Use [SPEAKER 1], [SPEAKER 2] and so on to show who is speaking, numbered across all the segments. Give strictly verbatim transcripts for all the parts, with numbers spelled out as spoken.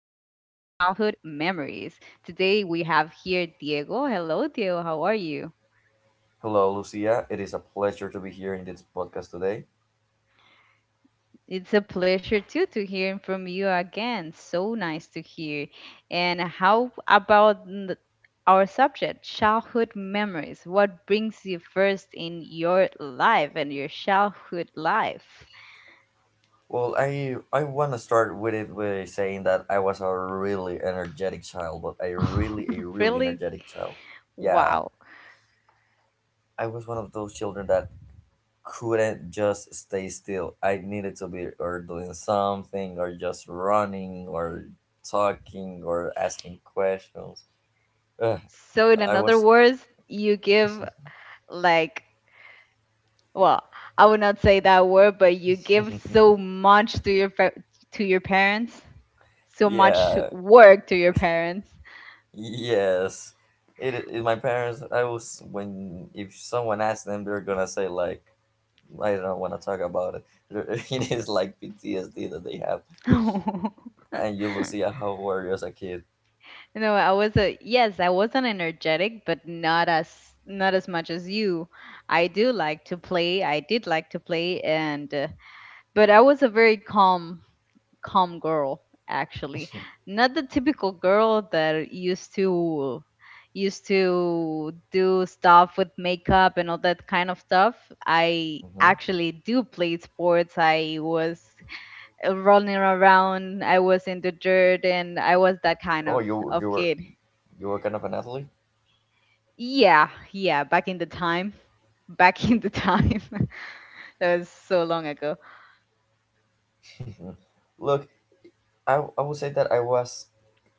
[SPEAKER 1] Childhood Memories. Today we have here Diego. Hello, Diego. How are you?
[SPEAKER 2] Hello, Lucia. It is a pleasure to be here in this podcast today.
[SPEAKER 1] It's a pleasure too to hear from you again. So nice to hear. And how about n- our subject, childhood memories? What brings you first in your life and your childhood life?
[SPEAKER 2] Well, I I want to start with it by saying that I was a really energetic child, but a really a really
[SPEAKER 1] Really?
[SPEAKER 2] energetic child. Yeah,
[SPEAKER 1] Wow.
[SPEAKER 2] I was one of those children that couldn't just stay still. I needed to be or doing something or just running or talking or asking questions. Ugh,
[SPEAKER 1] So, in
[SPEAKER 2] I
[SPEAKER 1] another
[SPEAKER 2] was
[SPEAKER 1] words, you give like well, I would not say that word, but you give so much to your fa- to your parents, so much
[SPEAKER 2] yeah
[SPEAKER 1] work to your parents.
[SPEAKER 2] Yes, it, it. My parents. I was when if someone asks them, they're gonna say like, I don't want to talk about it. It is like P T S D that they have.
[SPEAKER 1] you
[SPEAKER 2] And you, Lucia, how were you as a kid?
[SPEAKER 1] know, I was a yes, I wasn't energetic, but not as not as much as you. I do like to play. I did like to play, and uh, but I was a very calm calm girl, actually, not the typical girl that used to used to do stuff with makeup and all that kind of stuff. I
[SPEAKER 2] hmm
[SPEAKER 1] actually do play sports. I was uh, running around. I was in the dirt, and I was that kind of
[SPEAKER 2] Oh, you
[SPEAKER 1] of
[SPEAKER 2] you were
[SPEAKER 1] kid.
[SPEAKER 2] you were kind of an athlete.
[SPEAKER 1] Yeah, yeah, back in the time. Back in the time. That was so long ago.
[SPEAKER 2] Look, I, I would say that I was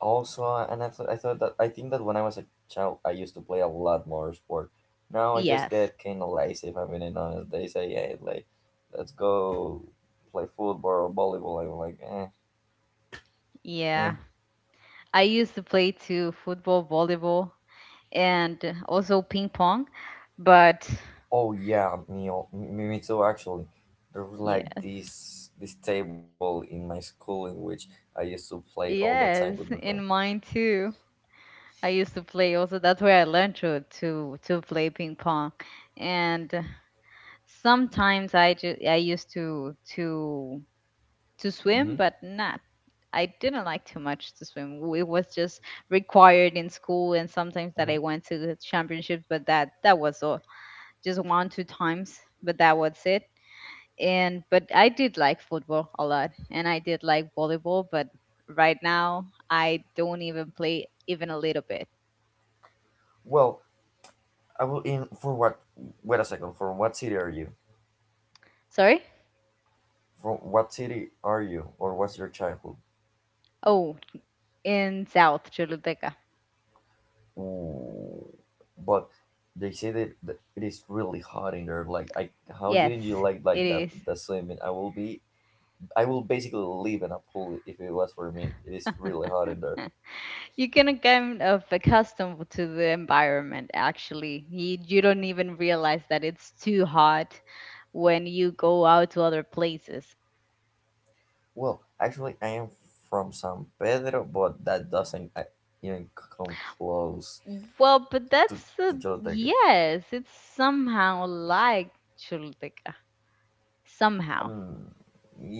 [SPEAKER 2] also uh, and I, I thought that I think that when I was a child I used to play a lot more sport. Now I just
[SPEAKER 1] Yes.
[SPEAKER 2] get kind of lazy if I'm being honest. They say, hey, like let's go play football or volleyball. I'm like, eh,
[SPEAKER 1] Yeah,
[SPEAKER 2] eh.
[SPEAKER 1] I used to play too, football, volleyball, and also ping pong. But
[SPEAKER 2] Oh yeah, me, al- me me too actually. There was like
[SPEAKER 1] yeah,
[SPEAKER 2] this this table in my school in which I used to play all the time with my
[SPEAKER 1] yes,
[SPEAKER 2] friend.
[SPEAKER 1] in mine too. I used to play also. That's where I learned to to to play ping pong, and uh, sometimes I just I used to to to
[SPEAKER 2] Mm-hmm.
[SPEAKER 1] swim, but not. I didn't like too much to swim. W- It was just required in school, and sometimes that
[SPEAKER 2] hmm
[SPEAKER 1] I went to the championships, but that that was all. Just one two times, but that was it, and but I did like football a lot and I did like volleyball, but right now I don't even play even a little bit.
[SPEAKER 2] Well, I will in for what wait a second. From what city are you?
[SPEAKER 1] Sorry?
[SPEAKER 2] From what city are you, or what's your childhood?
[SPEAKER 1] Oh, in South Choluteca.
[SPEAKER 2] Ooh, but they say that th- it is really hot in there. Like, I how
[SPEAKER 1] Yes,
[SPEAKER 2] didn't you like
[SPEAKER 1] it
[SPEAKER 2] like that
[SPEAKER 1] is.
[SPEAKER 2] the swimming? I will be, I will basically live in a pool if it was for me. It is really hot in there.
[SPEAKER 1] You can kind of accustomed to the environment, actually. You, you don't even realize that it's too hot when you go out to other places.
[SPEAKER 2] Well, actually, I am from San Pedro, but that doesn't uh, even come close
[SPEAKER 1] Well, but
[SPEAKER 2] to
[SPEAKER 1] that's a,
[SPEAKER 2] to Choluteca.
[SPEAKER 1] yes, it's somehow like Choluteca. Somehow.
[SPEAKER 2] Um,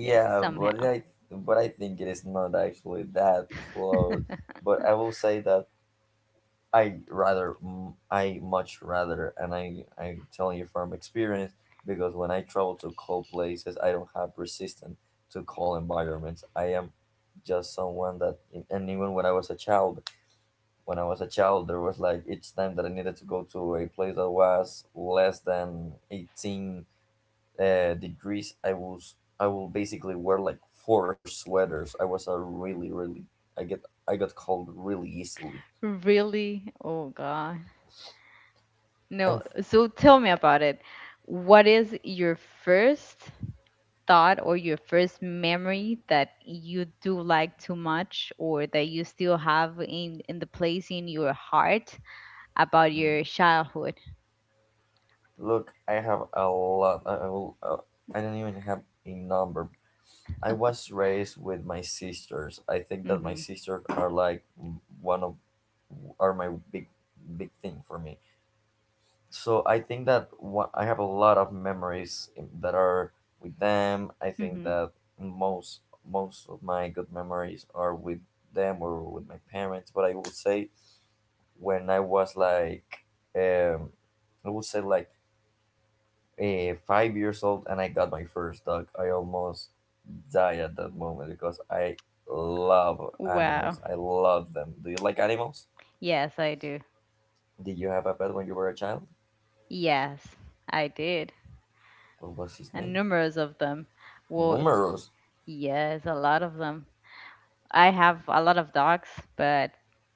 [SPEAKER 1] Yes,
[SPEAKER 2] but
[SPEAKER 1] somehow.
[SPEAKER 2] I but I think it is not actually that close. But I will say that I rather, mm, I much rather, and I, I'm telling you from experience, because when I travel to cold places, I don't have resistance to cold environments. I am just someone that, and even when I was a child, when I was a child, there was like each time that I needed to go to a place that was less than eighteen uh, degrees, I was, I will basically wear like four sweaters. I was a really, really, I get, I got cold really easily.
[SPEAKER 1] Really? Oh God.
[SPEAKER 2] And
[SPEAKER 1] No. So tell me about it. What is your first thought or your first memory that you do like too much or that you still have in in the place in your heart about your
[SPEAKER 2] mm,
[SPEAKER 1] childhood?
[SPEAKER 2] Look, I have a lot. I, will, uh, I don't even have a number. I was raised with my sisters. I think that my
[SPEAKER 1] Mm-hmm.
[SPEAKER 2] sisters are like one of are my big big thing for me. So I think that what, I have a lot of memories that are with them. I think
[SPEAKER 1] Mm-hmm.
[SPEAKER 2] that most most of my good memories are with them or with my parents. But I would say when I was like um, I would say like eh, five years old and I got my first dog. I almost died at that moment because I love
[SPEAKER 1] Wow.
[SPEAKER 2] animals. I love them. Do you like animals?
[SPEAKER 1] Yes, I do.
[SPEAKER 2] Did you have a pet when you were a child?
[SPEAKER 1] Yes, I did.
[SPEAKER 2] What was his
[SPEAKER 1] And
[SPEAKER 2] name?
[SPEAKER 1] numerous of them. Well,
[SPEAKER 2] Numerous.
[SPEAKER 1] yes, a lot of them. I have a lot of dogs, but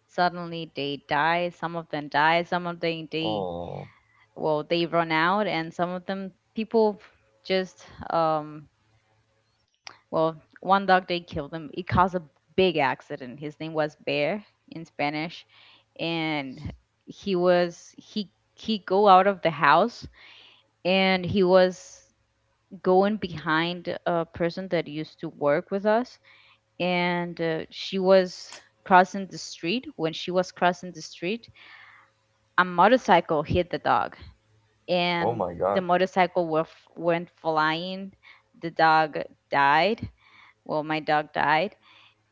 [SPEAKER 1] suddenly they die. Some of them die. Some of them they
[SPEAKER 2] Oh,
[SPEAKER 1] well they run out, and some of them people just um well, one dog, they killed him. It caused a big accident. His name was Bear in Spanish, and he was he he go out of the house, and he was going behind a person that used to work with us, and uh, she was crossing the street. When she was crossing the street, a motorcycle hit the dog,
[SPEAKER 2] oh
[SPEAKER 1] and
[SPEAKER 2] my
[SPEAKER 1] the
[SPEAKER 2] God.
[SPEAKER 1] motorcycle were, f- went flying. The dog died. Well, my dog died,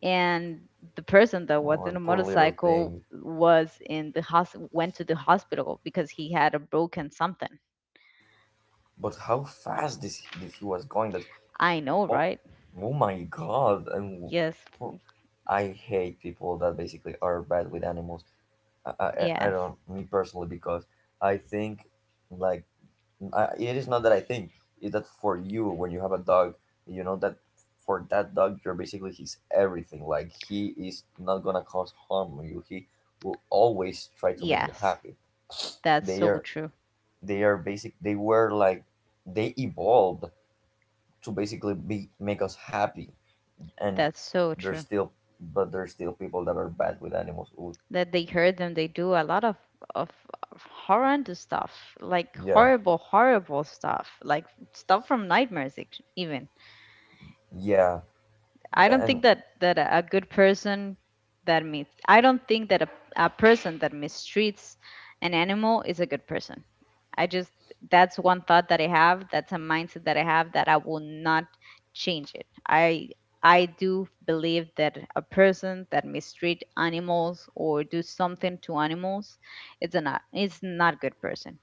[SPEAKER 1] and the person that was
[SPEAKER 2] Oh,
[SPEAKER 1] in a
[SPEAKER 2] poor little
[SPEAKER 1] motorcycle
[SPEAKER 2] thing.
[SPEAKER 1] was in the hos- went to the hospital because he had a broken something.
[SPEAKER 2] But how fast this this he was going? That
[SPEAKER 1] I know,
[SPEAKER 2] oh,
[SPEAKER 1] right?
[SPEAKER 2] oh my God. And
[SPEAKER 1] Yes,
[SPEAKER 2] poor, I hate people that basically are bad with animals. I, I, I I
[SPEAKER 1] yes,
[SPEAKER 2] don't, me personally, because I think like I, it is not that I think is that for you when you have a dog, you know that for that dog you're basically his everything. Like he is not gonna cause harm on you. He will always try to make you
[SPEAKER 1] yes.
[SPEAKER 2] happy.
[SPEAKER 1] That's
[SPEAKER 2] They
[SPEAKER 1] so
[SPEAKER 2] are
[SPEAKER 1] true.
[SPEAKER 2] they are basic. They were like they evolved to basically be make us happy, and
[SPEAKER 1] That's so
[SPEAKER 2] there's
[SPEAKER 1] true.
[SPEAKER 2] still but there's still people that are bad with animals. Ooh,
[SPEAKER 1] That they heard them, they do a lot of of of horrendous stuff, like
[SPEAKER 2] yeah,
[SPEAKER 1] horrible horrible stuff, like stuff from nightmares, ex- even.
[SPEAKER 2] yeah,
[SPEAKER 1] I don't
[SPEAKER 2] and
[SPEAKER 1] think that that a a good person that mis I don't think that a, a person that mistreats an animal is a good person. I just that's one thought that I have, that's a mindset that I have that I will not change it. I I do believe that a person that mistreat animals or do something to animals, it's a not it's not good person.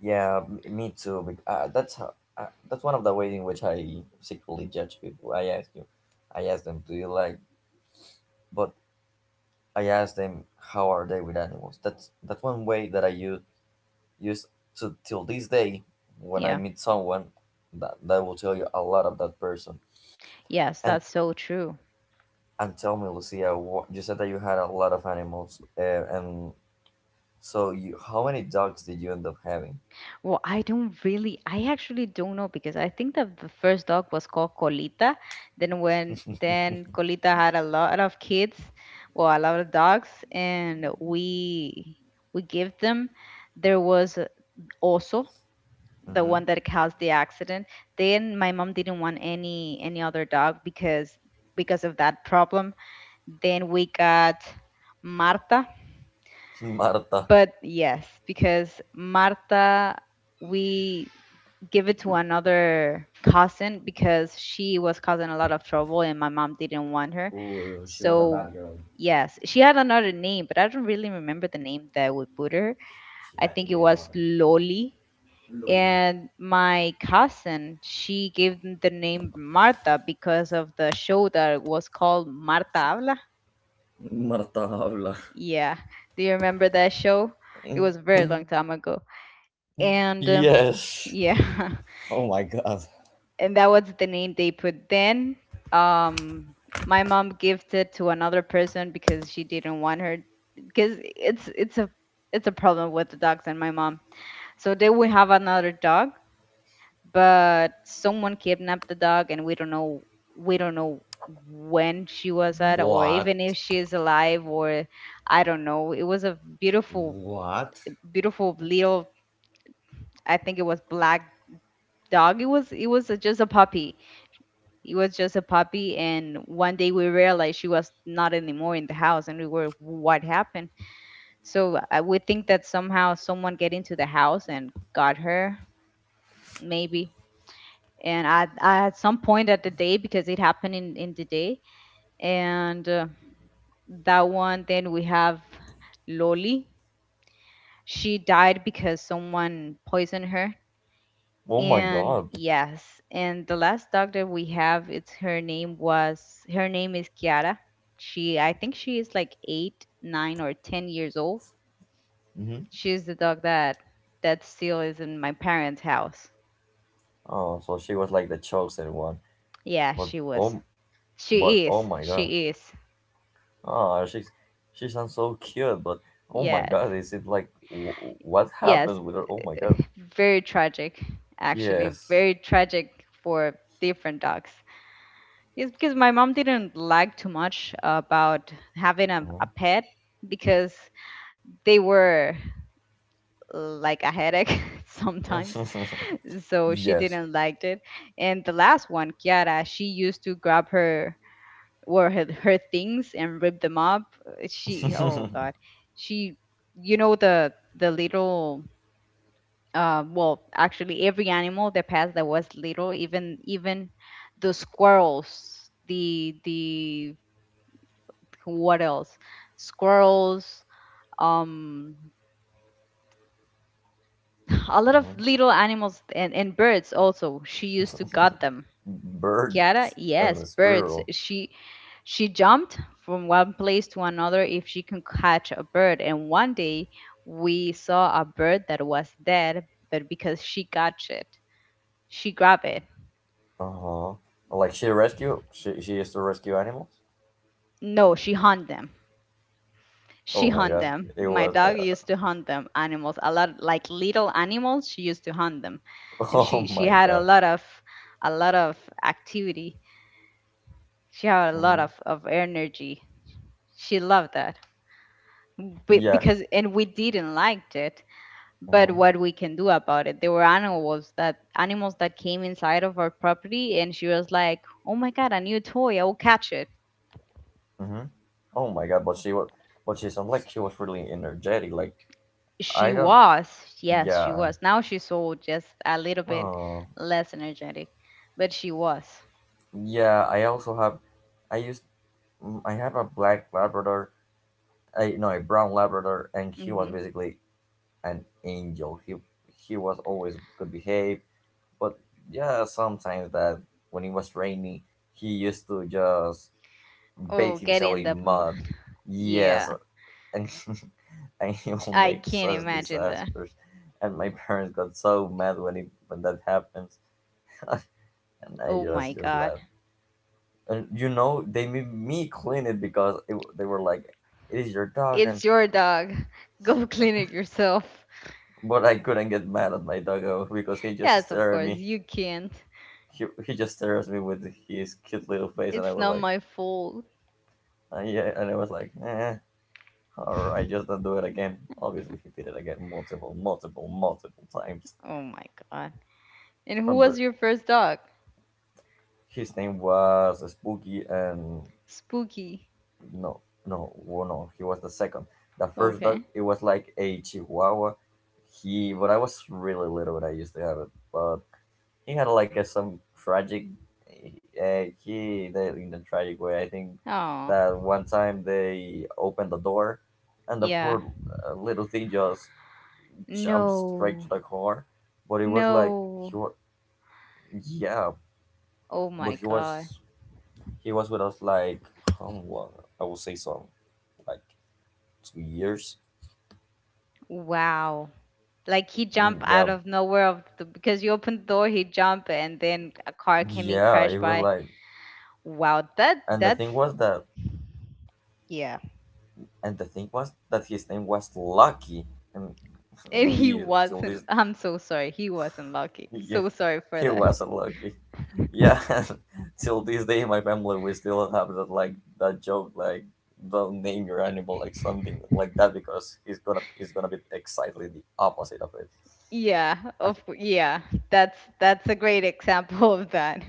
[SPEAKER 2] Yeah, m- me too. Bec- Uh, that's how. Uh, that's one of the ways in which I secretly judge people. I ask you, I ask them, do you like? But I ask them, how are they with animals? That's that's one way that I use use to till this day. When I
[SPEAKER 1] Yeah.
[SPEAKER 2] meet someone, that that will tell you a lot of that person.
[SPEAKER 1] Yes,
[SPEAKER 2] And
[SPEAKER 1] that's so true.
[SPEAKER 2] and tell me, Lucia, what, you said that you had a lot of animals, uh, and so you, how many dogs did you end up having?
[SPEAKER 1] Well, I don't really, I actually don't know, because I think that the first dog was called Colita. Then when then Colita had a lot of kids, well, a lot of dogs, and we we give them. There was uh, also the
[SPEAKER 2] Mm-hmm.
[SPEAKER 1] one that caused the accident. Then my mom didn't want any any other dog, because because of that problem. Then we got Marta.
[SPEAKER 2] Marta.
[SPEAKER 1] But yes, because Marta, we give it to another cousin because she was causing a lot of trouble and my mom didn't want her.
[SPEAKER 2] Ooh, that
[SPEAKER 1] So,
[SPEAKER 2] girl,
[SPEAKER 1] yes, she had another name, but I don't really remember the name that we put her.
[SPEAKER 2] she
[SPEAKER 1] I
[SPEAKER 2] had to
[SPEAKER 1] think
[SPEAKER 2] be
[SPEAKER 1] it
[SPEAKER 2] a
[SPEAKER 1] was
[SPEAKER 2] martyr.
[SPEAKER 1] Loli. And my cousin, she gave them the name Marta because of the show that was called Marta Habla.
[SPEAKER 2] Marta Havla.
[SPEAKER 1] Yeah. Do you remember that show? It was a very long time
[SPEAKER 2] Yes.
[SPEAKER 1] ago.
[SPEAKER 2] Oh my
[SPEAKER 1] And uh,
[SPEAKER 2] god.
[SPEAKER 1] yeah, and that was the name they put. Then um my mom gifted to another person because she didn't want her, because it's it's a it's a problem with the dogs and my mom, so then we have another dog, but someone kidnapped the dog, and we don't know we don't know when she was at,
[SPEAKER 2] What?
[SPEAKER 1] or even if she is alive, or I don't know. It was a beautiful
[SPEAKER 2] What?
[SPEAKER 1] beautiful little, I think it was black, dog. it was it was a, just a puppy. It was just a puppy, and one day we realized she was not anymore in the house, and we were, what happened? So I would think that somehow someone get into the house and got her, maybe. And I, I at some point at the day, because it happened in in the day, and uh, that one. Then we have Loli. She died because someone poisoned her.
[SPEAKER 2] Oh my
[SPEAKER 1] And
[SPEAKER 2] god.
[SPEAKER 1] yes, and the last doctor we have, it's her name was her name is Kiara. She I think she is like eight, nine, or ten years old.
[SPEAKER 2] hmm
[SPEAKER 1] She's the dog that that still is in my parents' house.
[SPEAKER 2] Oh, so she was like the chosen one.
[SPEAKER 1] Yeah,
[SPEAKER 2] But
[SPEAKER 1] she was.
[SPEAKER 2] oh, but
[SPEAKER 1] She
[SPEAKER 2] oh
[SPEAKER 1] is.
[SPEAKER 2] my god.
[SPEAKER 1] She is.
[SPEAKER 2] Oh, she's she sounds so cute. But oh my
[SPEAKER 1] Yes.
[SPEAKER 2] god, is it like w- what
[SPEAKER 1] Yes.
[SPEAKER 2] happens with her? Oh my god.
[SPEAKER 1] Very tragic, actually.
[SPEAKER 2] Yes.
[SPEAKER 1] Very tragic for different dogs. It's because my mom didn't like too much about having a,
[SPEAKER 2] Mhm.
[SPEAKER 1] a pet, because they were like a headache sometimes, so she
[SPEAKER 2] yes.
[SPEAKER 1] didn't like it. And the last one, Kiara, she used to grab her or her, her things and rip them up. She, oh god, she you know the the little, uh well, actually, every animal that passed that was little, even even the squirrels, the the what else, squirrels, um a lot of
[SPEAKER 2] Mhm.
[SPEAKER 1] little animals, and, and birds, also she used to guard them. Kiara,
[SPEAKER 2] Birds and
[SPEAKER 1] yes,
[SPEAKER 2] the
[SPEAKER 1] birds.
[SPEAKER 2] squirrel.
[SPEAKER 1] She she jumped from one place to another if she can catch a bird. And one day we saw a bird that was dead, but because she got it, she grabbed it.
[SPEAKER 2] Uh huh. Like she rescue. She she used to rescue animals.
[SPEAKER 1] No, she hunt them. She
[SPEAKER 2] Oh my
[SPEAKER 1] hunt
[SPEAKER 2] god,
[SPEAKER 1] them
[SPEAKER 2] it
[SPEAKER 1] my
[SPEAKER 2] was.
[SPEAKER 1] dog
[SPEAKER 2] Uh,
[SPEAKER 1] used to hunt them animals a lot, like little animals, she used to hunt them. And she
[SPEAKER 2] oh
[SPEAKER 1] she
[SPEAKER 2] my
[SPEAKER 1] had a
[SPEAKER 2] god.
[SPEAKER 1] lot of a lot of activity. She had a lot
[SPEAKER 2] hmm
[SPEAKER 1] of, of energy. She loved that. Be-
[SPEAKER 2] Yeah.
[SPEAKER 1] because, and we didn't liked it. But
[SPEAKER 2] hmm
[SPEAKER 1] what we can do about it? There were animals that animals that came inside of our property, and she was like, "Oh my god, a new toy! I will catch it."
[SPEAKER 2] hmm Oh my god, but she was. But she sounded like she was really energetic. Like
[SPEAKER 1] She
[SPEAKER 2] I don't.
[SPEAKER 1] was, yes, she
[SPEAKER 2] Yeah.
[SPEAKER 1] was. Now she's so just a little bit
[SPEAKER 2] Oh.
[SPEAKER 1] less energetic, but she was.
[SPEAKER 2] Yeah. I also have. I used. mm, I have a black Labrador. I no, a brown Labrador, and he was
[SPEAKER 1] Hmm.
[SPEAKER 2] basically an angel. He he was always good behaved, but yeah, sometimes that when it was rainy, he used to just bathe
[SPEAKER 1] Oh,
[SPEAKER 2] himself
[SPEAKER 1] getting the,
[SPEAKER 2] in
[SPEAKER 1] m-
[SPEAKER 2] mud. Yes,
[SPEAKER 1] yeah,
[SPEAKER 2] and, and he will
[SPEAKER 1] I
[SPEAKER 2] make
[SPEAKER 1] can't
[SPEAKER 2] such
[SPEAKER 1] imagine that.
[SPEAKER 2] disasters. And my parents got so mad when it when that happens, and I
[SPEAKER 1] Oh my
[SPEAKER 2] just just
[SPEAKER 1] god.
[SPEAKER 2] laughed. And you know, they made me clean it because it, they were like, "It is your dog," and
[SPEAKER 1] It's your dog. Go clean it yourself.
[SPEAKER 2] but I couldn't get mad at my doggo because he just
[SPEAKER 1] Yes, of
[SPEAKER 2] stared at
[SPEAKER 1] course,
[SPEAKER 2] me.
[SPEAKER 1] you can't.
[SPEAKER 2] He, he just stares at me with his cute little face, and I
[SPEAKER 1] It's
[SPEAKER 2] was
[SPEAKER 1] not
[SPEAKER 2] like,
[SPEAKER 1] my fault.
[SPEAKER 2] uh, yeah, and I was like, eh, all right, just don't do it again. Obviously, he did it again multiple, multiple, multiple times.
[SPEAKER 1] Oh my god. And who
[SPEAKER 2] From
[SPEAKER 1] was
[SPEAKER 2] the
[SPEAKER 1] your first dog?
[SPEAKER 2] His name was Spooky and
[SPEAKER 1] Spooky.
[SPEAKER 2] no no well, no, he was the second. The first dog
[SPEAKER 1] Okay.
[SPEAKER 2] it was like a Chihuahua. He But I was really little when I used to have it, but he had like a, some tragic. Uh, he the, in a tragic way. I think
[SPEAKER 1] Oh,
[SPEAKER 2] that one time they opened the door, and the
[SPEAKER 1] yeah.
[SPEAKER 2] poor uh, little thing just jumped straight to
[SPEAKER 1] No.
[SPEAKER 2] the car. But it was like he
[SPEAKER 1] No.
[SPEAKER 2] was yeah,
[SPEAKER 1] Oh
[SPEAKER 2] but
[SPEAKER 1] my
[SPEAKER 2] he
[SPEAKER 1] god.
[SPEAKER 2] was He was with us like how long? I would say so, like two years.
[SPEAKER 1] Wow. Like he jumped
[SPEAKER 2] Mm,
[SPEAKER 1] out
[SPEAKER 2] Yeah,
[SPEAKER 1] of nowhere of the, because you opened the door, he jumped and then a car came and
[SPEAKER 2] yeah.
[SPEAKER 1] crashed
[SPEAKER 2] It was
[SPEAKER 1] by.
[SPEAKER 2] like,
[SPEAKER 1] Wow, that
[SPEAKER 2] and the
[SPEAKER 1] that's
[SPEAKER 2] thing was that,
[SPEAKER 1] yeah.
[SPEAKER 2] and the thing was that his name was Lucky, and
[SPEAKER 1] And he
[SPEAKER 2] we
[SPEAKER 1] wasn't.
[SPEAKER 2] till
[SPEAKER 1] I'm
[SPEAKER 2] this,
[SPEAKER 1] so sorry. He wasn't lucky. So sorry
[SPEAKER 2] yeah,
[SPEAKER 1] for that.
[SPEAKER 2] he wasn't lucky. Yeah, till this day, my family we still have that like that joke like don't name your animal like something like that because it's gonna it's gonna be exactly the opposite of it.
[SPEAKER 1] Yeah, of cou- yeah. That's that's a great example of that.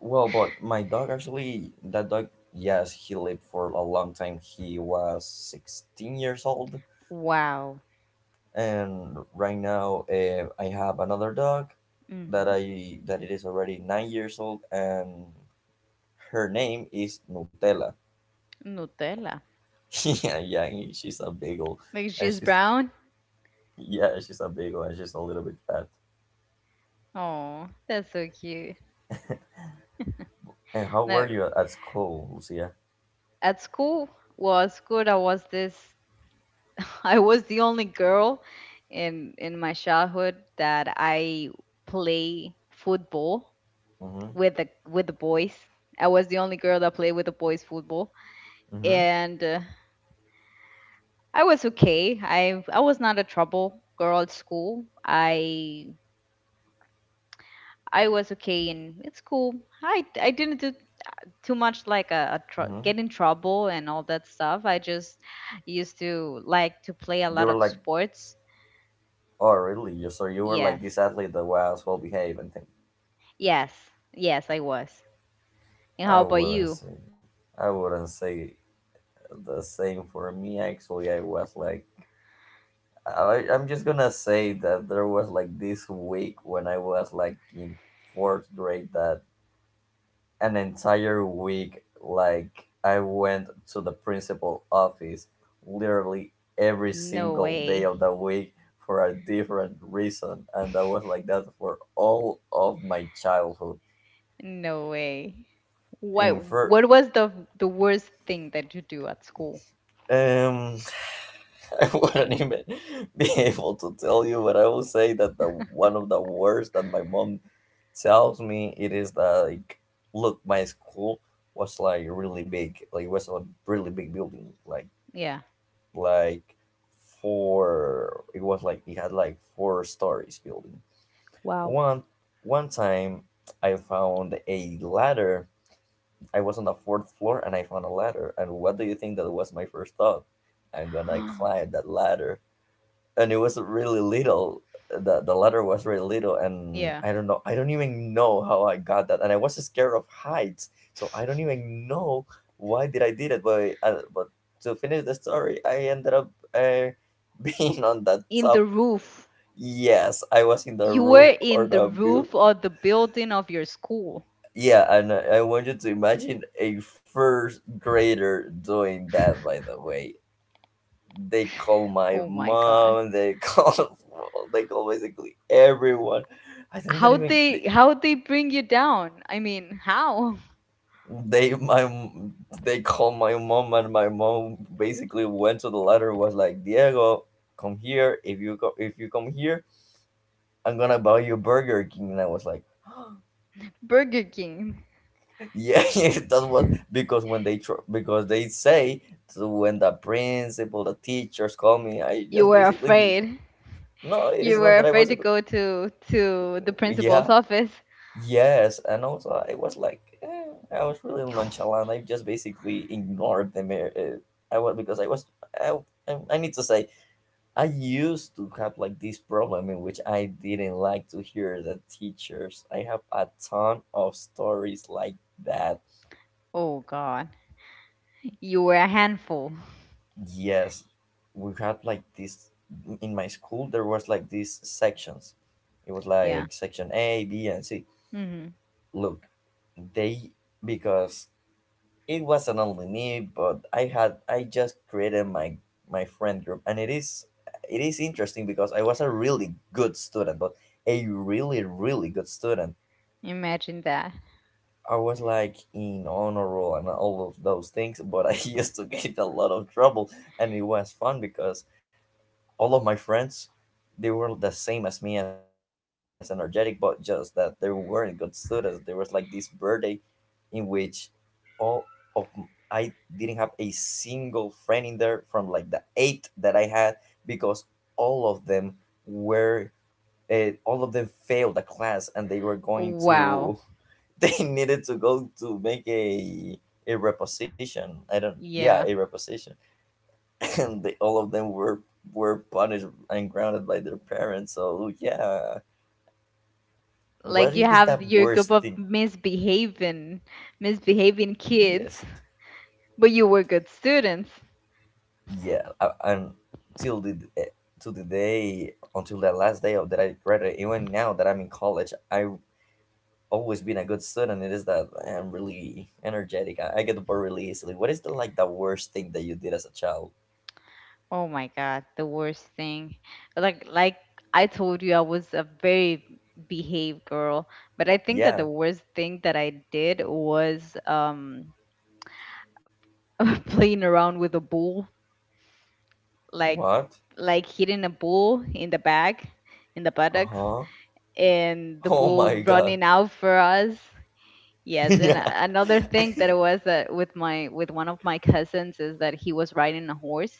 [SPEAKER 2] Well, but my dog actually, that dog, yes, he lived for a long time. He was sixteen years old,
[SPEAKER 1] Wow.
[SPEAKER 2] and right now uh, I have another dog that
[SPEAKER 1] Hmm.
[SPEAKER 2] I that it is already nine years old, and her name is Nutella.
[SPEAKER 1] Nutella.
[SPEAKER 2] yeah, yeah, she's a Beagle,
[SPEAKER 1] Like
[SPEAKER 2] and
[SPEAKER 1] she's
[SPEAKER 2] she's
[SPEAKER 1] brown.
[SPEAKER 2] yeah, she's a Beagle, and she's a little bit fat.
[SPEAKER 1] Oh, that's so cute.
[SPEAKER 2] And how were
[SPEAKER 1] Now,
[SPEAKER 2] you at school, Lucia?
[SPEAKER 1] at school, well, at school I was this. I was the only girl in in my childhood that I play football
[SPEAKER 2] Mm-hmm.
[SPEAKER 1] with the with the boys. I was the only girl that played with the boys football,
[SPEAKER 2] Mm-hmm.
[SPEAKER 1] and uh, I was okay. I I was not a trouble girl at school. I I was okay in it's cool. I I didn't do too much, like a, a tr-
[SPEAKER 2] Mm-hmm.
[SPEAKER 1] get in trouble and all that stuff. I just used to like to play a
[SPEAKER 2] You
[SPEAKER 1] lot
[SPEAKER 2] were
[SPEAKER 1] of
[SPEAKER 2] like,
[SPEAKER 1] sports.
[SPEAKER 2] oh, really? You so you were like this
[SPEAKER 1] Yes.
[SPEAKER 2] athlete that was well behaved and things.
[SPEAKER 1] Yes. Yes, I was. And how
[SPEAKER 2] I
[SPEAKER 1] about
[SPEAKER 2] wouldn't
[SPEAKER 1] you?
[SPEAKER 2] say I wouldn't say the same for me. Actually, I was like I, I'm just gonna say that there was like this week when I was like in fourth grade that an entire week like I went to the principal office literally every
[SPEAKER 1] No
[SPEAKER 2] single day
[SPEAKER 1] way.
[SPEAKER 2] of the week for a different reason and that was like that for all of my childhood.
[SPEAKER 1] No way. What
[SPEAKER 2] In fir-
[SPEAKER 1] what was the the worst thing that you do at school?
[SPEAKER 2] um I wouldn't even be able to tell you, but I will say that the one of the worst that my mom tells me it is that like, look, my school was like really big, like it was a really big building, like
[SPEAKER 1] Yeah.
[SPEAKER 2] like four. It was like it had like four stories building.
[SPEAKER 1] Wow.
[SPEAKER 2] One One time, I found a ladder. I was on the fourth floor and I found a ladder. And what do you think that was my first thought? I'm gonna climb that ladder, and it was really little. The the letter was really little, and
[SPEAKER 1] Yeah.
[SPEAKER 2] I don't know. I don't even know how I got that, and I was scared of heights, so I don't even know why did i did it, but uh, but to finish the story, I ended up uh, being on that
[SPEAKER 1] In the
[SPEAKER 2] top.
[SPEAKER 1] roof.
[SPEAKER 2] Yes, I was in the
[SPEAKER 1] You
[SPEAKER 2] roof
[SPEAKER 1] were
[SPEAKER 2] or
[SPEAKER 1] in the
[SPEAKER 2] the view.
[SPEAKER 1] roof of the building of your school.
[SPEAKER 2] Yeah, and i I want you to imagine a first grader doing that, by the way. They call my
[SPEAKER 1] Oh my God.
[SPEAKER 2] mom, they call they call basically everyone. I think that
[SPEAKER 1] How
[SPEAKER 2] even
[SPEAKER 1] they
[SPEAKER 2] they,
[SPEAKER 1] how they bring you down? I mean, how?
[SPEAKER 2] they my m- they call my mom, and my mom basically went to the letter, was like, "Diego, come here. If you go if you come here, I'm gonna buy you Burger King." And I was like,
[SPEAKER 1] Burger King.
[SPEAKER 2] yeah. That was because when they tr- because they say, so when the principal, the teachers call me, I
[SPEAKER 1] You
[SPEAKER 2] just
[SPEAKER 1] were
[SPEAKER 2] basically—
[SPEAKER 1] afraid.
[SPEAKER 2] no, it is
[SPEAKER 1] You
[SPEAKER 2] not
[SPEAKER 1] were
[SPEAKER 2] that I
[SPEAKER 1] afraid
[SPEAKER 2] was
[SPEAKER 1] to
[SPEAKER 2] a-
[SPEAKER 1] go to to the principal's
[SPEAKER 2] yeah.
[SPEAKER 1] office.
[SPEAKER 2] Yes, and also I was like, eh, I was really nonchalant. I just basically ignored them. eh, eh, I was because I was— I, I I need to say, I used to have like this problem in which I didn't like to hear the teachers. I have a ton of stories like that.
[SPEAKER 1] Oh God. You were a handful.
[SPEAKER 2] Yes, we had like this in my school. There was like these sections. It was
[SPEAKER 1] Yeah.
[SPEAKER 2] like section A, B, and C.
[SPEAKER 1] Hmm.
[SPEAKER 2] Look, they because it wasn't only me, but I had I just created my my friend group, and it is— it is interesting because I was a really good student, but a really really good student.
[SPEAKER 1] Imagine that.
[SPEAKER 2] I was like in honor roll and all of those things, but I used to get a lot of trouble. And it was fun because all of my friends, they were the same as me, as energetic, but just that they weren't good students. There was like this birthday in which all of m- I didn't have a single friend in there from like the eight that I had, because all of them were— uh, all of them failed the class, and they were going
[SPEAKER 1] Wow.
[SPEAKER 2] to they needed to go to make a a reposition. I don't— yeah, a
[SPEAKER 1] Yeah.
[SPEAKER 2] reposition. And they, all of them were— were punished and grounded by their parents. So yeah,
[SPEAKER 1] Like
[SPEAKER 2] what
[SPEAKER 1] you
[SPEAKER 2] is that
[SPEAKER 1] have your group
[SPEAKER 2] worst
[SPEAKER 1] of
[SPEAKER 2] thing?
[SPEAKER 1] misbehaving misbehaving
[SPEAKER 2] Yes.
[SPEAKER 1] kids, but you were good students.
[SPEAKER 2] Yeah, uh, and till the eh, till the day, until that last day of that I graduated. Even now that I'm in college, I've always been a good student. It is that I'm really energetic. i, I get bored really easily. What is the like the worst thing that you did as a child?
[SPEAKER 1] Oh my God, the worst thing. Like like I told you, I was a very behaved girl, but I think that the
[SPEAKER 2] Yeah.
[SPEAKER 1] worst thing that I did was um playing around with a bull, like
[SPEAKER 2] What?
[SPEAKER 1] like hitting a bull in the back, in the buttocks,
[SPEAKER 2] Uh-huh.
[SPEAKER 1] and the
[SPEAKER 2] Oh
[SPEAKER 1] bull
[SPEAKER 2] my god.
[SPEAKER 1] running out for us. Yes, and
[SPEAKER 2] Yeah.
[SPEAKER 1] a- another thing that it was, that with my with one of my cousins, is that he was riding a horse,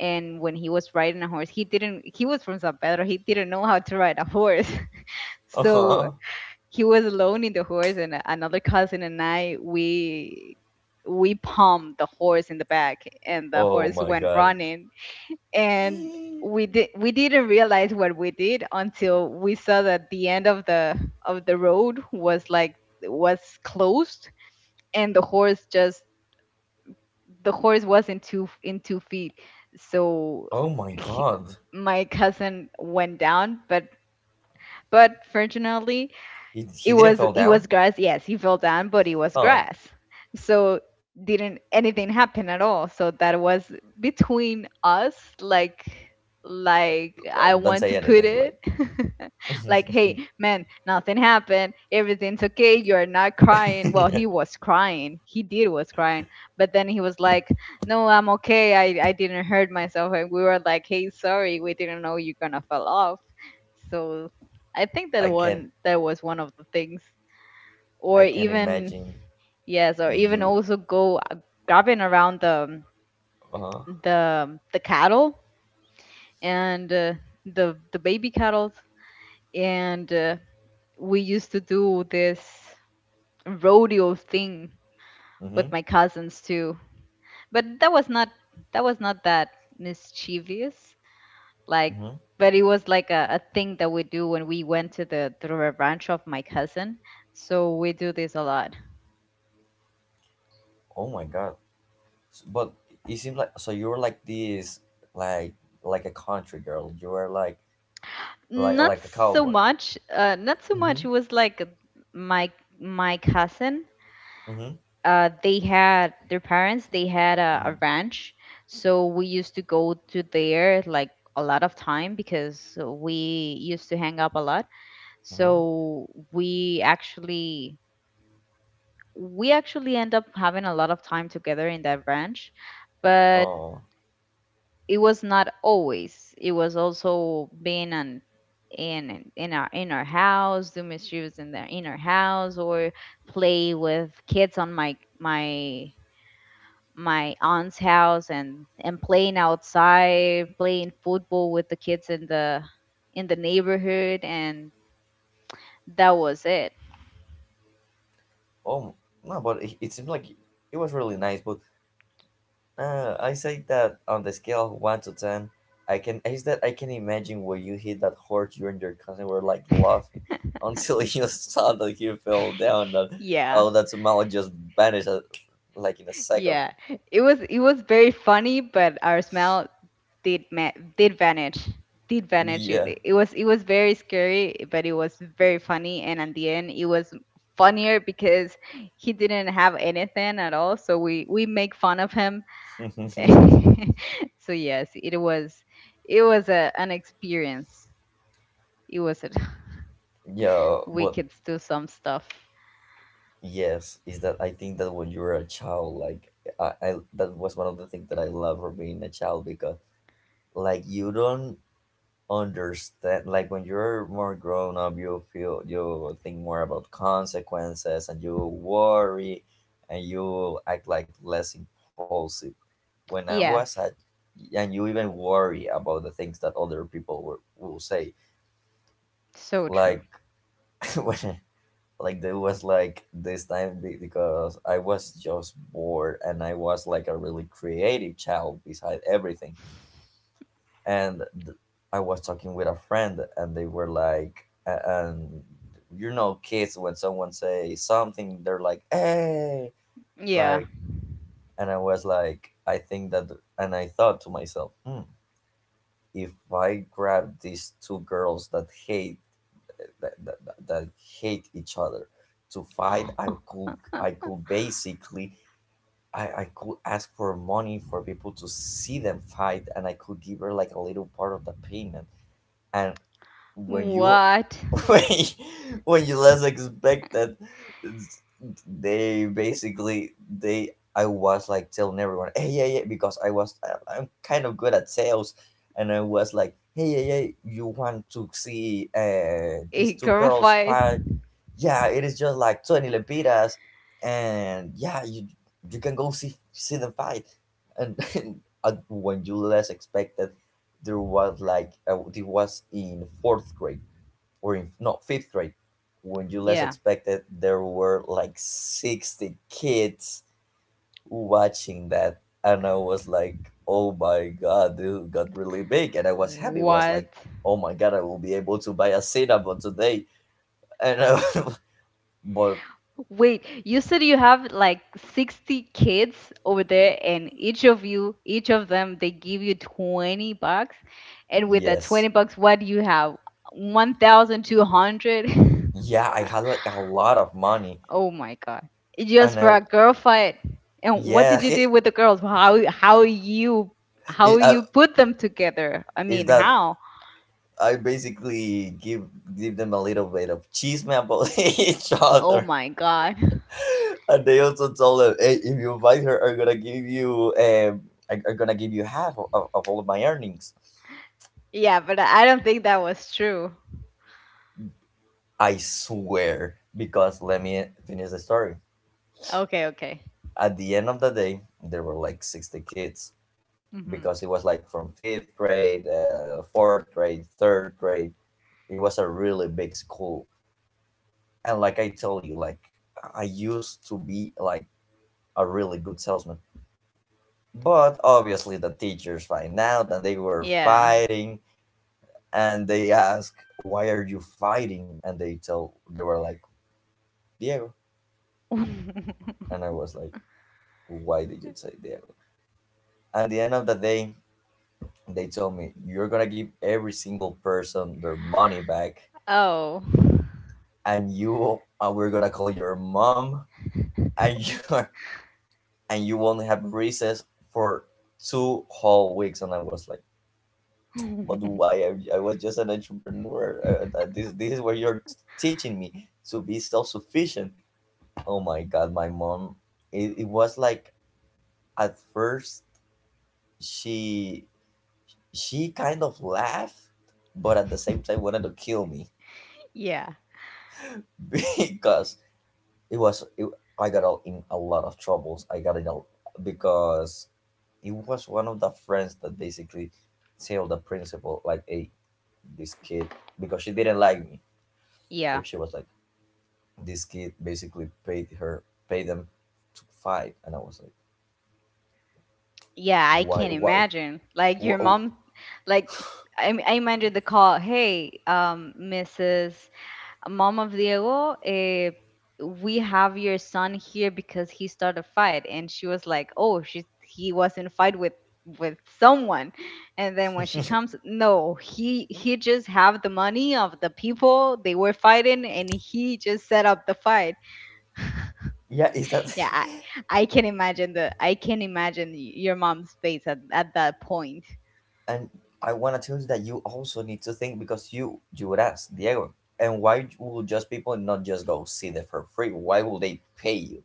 [SPEAKER 1] and when he was riding a horse, he didn't he was from San Pedro, he didn't know how to ride a horse. So
[SPEAKER 2] Uh-huh.
[SPEAKER 1] he was alone in the horse, and a- another cousin and I, we we pumped the horse in the back, and the
[SPEAKER 2] Oh
[SPEAKER 1] horse
[SPEAKER 2] my
[SPEAKER 1] went
[SPEAKER 2] god.
[SPEAKER 1] running. And we did we didn't realize what we did until we saw that the end of the of the road was like was closed, and the horse just the horse wasn't two in two feet. So
[SPEAKER 2] Oh my
[SPEAKER 1] he,
[SPEAKER 2] god.
[SPEAKER 1] my cousin went down, but but fortunately
[SPEAKER 2] he, he
[SPEAKER 1] it
[SPEAKER 2] didn't
[SPEAKER 1] was
[SPEAKER 2] fall
[SPEAKER 1] it
[SPEAKER 2] down.
[SPEAKER 1] was grass. Yes, he fell down, but it was
[SPEAKER 2] Oh.
[SPEAKER 1] grass, so didn't anything happen at all. So that was between us, like like I
[SPEAKER 2] Like, don't
[SPEAKER 1] want
[SPEAKER 2] say
[SPEAKER 1] to put
[SPEAKER 2] anything,
[SPEAKER 1] it.
[SPEAKER 2] like
[SPEAKER 1] Like, hey man, nothing happened, everything's okay, you're not crying. Well, he was crying, he did was crying. But then he was like, no, I'm okay, i, I didn't hurt myself. And we were like, hey, sorry, we didn't know you're gonna fall off. So I think
[SPEAKER 2] I
[SPEAKER 1] that
[SPEAKER 2] can—
[SPEAKER 1] one that was one of the things,
[SPEAKER 2] I
[SPEAKER 1] or
[SPEAKER 2] can
[SPEAKER 1] even...
[SPEAKER 2] imagine
[SPEAKER 1] Yes, or even
[SPEAKER 2] you.
[SPEAKER 1] also go, uh, grabbing around the
[SPEAKER 2] Uh huh.
[SPEAKER 1] the the cattle, and uh, the the baby cattle, and uh, we used to do this rodeo thing with
[SPEAKER 2] Mhm.
[SPEAKER 1] my cousins too. But that was not that was not that mischievous. Like,
[SPEAKER 2] Mhm.
[SPEAKER 1] but it was like a, a thing that we do when we went to the to the ranch of my cousin, so we do this a lot.
[SPEAKER 2] Oh my god. S- but you seem like, so you were like this, like like a country girl. You were like like
[SPEAKER 1] Not
[SPEAKER 2] like a
[SPEAKER 1] so
[SPEAKER 2] cowboy.
[SPEAKER 1] much, uh not so
[SPEAKER 2] Mhm.
[SPEAKER 1] much. It was like my my cousin,
[SPEAKER 2] Mhm.
[SPEAKER 1] uh they had their parents, they had a, a
[SPEAKER 2] Mhm.
[SPEAKER 1] ranch, so we used to go to there like a lot of time because we used to hang up a lot.
[SPEAKER 2] Mhm.
[SPEAKER 1] So we actually we actually end up having a lot of time together in that branch, but
[SPEAKER 2] Oh.
[SPEAKER 1] it was not always. It was also being an in in our in our house, do misuse in their inner house, or play with kids on my my my aunt's house, and and playing outside, playing football with the kids in the in the neighborhood, and that was it.
[SPEAKER 2] Oh. No, but it, it seemed like it was really nice. But Uh, I say that on the scale of one to ten, I can— I said I can imagine when you hit that horse, you and your cousin were like laughing until you saw that he fell down. That—
[SPEAKER 1] Yeah,
[SPEAKER 2] oh, that smile just vanished, uh, like in a second.
[SPEAKER 1] yeah. It was it was very funny, but our smell did ma- did vanish did vanish.
[SPEAKER 2] Yeah,
[SPEAKER 1] It, it was it was very scary, but it was very funny, and at the end it was funnier because he didn't have anything at all, so we we make fun of him. So yes, it was it was a, an experience. it was a,
[SPEAKER 2] yeah,
[SPEAKER 1] we
[SPEAKER 2] but
[SPEAKER 1] could do some stuff.
[SPEAKER 2] yes, is that I think that when you were a child, like, I, I that was one of the things that I love for being a child, because like you don't understand, like when you're more grown up, you feel— you think more about consequences, and you worry, and you act like less impulsive. When I was at—
[SPEAKER 1] Yes.
[SPEAKER 2] and you even worry about the things that other people were, will say,
[SPEAKER 1] So true.
[SPEAKER 2] like when like there was like this time be- because I was just bored, and I was like a really creative child beside everything. and th- I was talking with a friend, and they were like, a- and you know, kids, when someone say something, they're like, "Hey!"
[SPEAKER 1] Yeah.
[SPEAKER 2] Like, and I was like, I think that— and I thought to myself, hmm, if I grab these two girls that hate— that, that, that that hate each other to fight, I could— I could basically— I, I could ask for money for people to see them fight, and I could give her like a little part of the payment. And when you—
[SPEAKER 1] What?
[SPEAKER 2] when you- when you less expect that, it's- they basically— they— I was like telling everyone, "Hey, yeah, yeah," because I was I, I'm kind of good at sales. And I was like, "Hey, yeah, yeah, you want to see uh these
[SPEAKER 1] A
[SPEAKER 2] two
[SPEAKER 1] girl
[SPEAKER 2] girls
[SPEAKER 1] fight.
[SPEAKER 2] fight? Yeah, it is just like twenty lempiras, and yeah, you— you can go see— see them fight." And, and when you less expected, there was like uh, it was in fourth grade, or in— no, fifth grade. When you less
[SPEAKER 1] Yeah.
[SPEAKER 2] expected, there were like sixty kids watching that, and I was like, oh my god, dude, got really big. And I was happy, was
[SPEAKER 1] What?
[SPEAKER 2] like, oh my god, I will be able to buy a cinnamon today. And uh, but
[SPEAKER 1] Wait, you said you have like sixty kids over there, and each of you, each of them, they give you twenty bucks. And with that
[SPEAKER 2] yes,
[SPEAKER 1] twenty bucks, what do you have? one thousand two hundred?
[SPEAKER 2] yeah, I had like a lot of money.
[SPEAKER 1] Oh my God. Just
[SPEAKER 2] And
[SPEAKER 1] for
[SPEAKER 2] I
[SPEAKER 1] a girl fight. And what
[SPEAKER 2] yeah.
[SPEAKER 1] did you do with the girls? How how you how
[SPEAKER 2] It, I,
[SPEAKER 1] you put them together? I
[SPEAKER 2] is
[SPEAKER 1] mean,
[SPEAKER 2] that
[SPEAKER 1] how?
[SPEAKER 2] I basically give— give them a little bit of chisme about each
[SPEAKER 1] Oh
[SPEAKER 2] other.
[SPEAKER 1] my God.
[SPEAKER 2] And they also told them, "Hey, if you invite her, I'm gonna give you um, I- I'm gonna give you half of, of of all of my earnings."
[SPEAKER 1] Yeah, but I don't think that was true.
[SPEAKER 2] I swear, because let me finish the story.
[SPEAKER 1] Okay, okay.
[SPEAKER 2] At the end of the day, there were like sixty kids,
[SPEAKER 1] Hmm.
[SPEAKER 2] because it was like from fifth grade, uh, fourth grade, third grade. It was a really big school, and like I tell you, like I used to be like a really good salesman. But obviously, the teachers find out, and they were
[SPEAKER 1] Yeah.
[SPEAKER 2] fighting, and they ask, "Why are you fighting?" And they tell— they were like, "Diego." And I was like, why did you say Diego? At the end of the day, they told me, "You're gonna give every single person their money back,
[SPEAKER 1] Oh.
[SPEAKER 2] and you uh, we're gonna call your mom, and you and you won't have recess for two whole weeks." And I was like, but why? i, I was just an entrepreneur. Uh, uh, this, this is what you're t- teaching me, to be self-sufficient. Oh my god, my mom. It, it was like at first she— she kind of laughed, but at the same time wanted to kill me
[SPEAKER 1] Yeah.
[SPEAKER 2] because it was it, I got all in a lot of troubles. I got in a— because it was one of the friends that basically tell the principal, like, "Hey, this kid," because she didn't like me.
[SPEAKER 1] Yeah.
[SPEAKER 2] If she was like, "This kid basically paid her— paid them to fight." And I was like,
[SPEAKER 1] Yeah, I
[SPEAKER 2] "Why?
[SPEAKER 1] can
[SPEAKER 2] What?"
[SPEAKER 1] imagine. Like your
[SPEAKER 2] Wh- oh,
[SPEAKER 1] mom, like s- I m- I imagine the call: "Hey, um, Missus Mom of Diego, eh, we have your son here because he started a fight." And she was like, "Oh, she, he was in a fight with with someone." And then when she comes, "No, he he just have the money of the people they were fighting, and he just set up the fight."
[SPEAKER 2] yeah, is that
[SPEAKER 1] Yeah, I, I can imagine the, I can imagine y- your mom's face at, at that point.
[SPEAKER 2] and I want to tell you that you also need to think, because you you would ask, "Diego, and why will just people not just go see them for free? Why will they pay you?"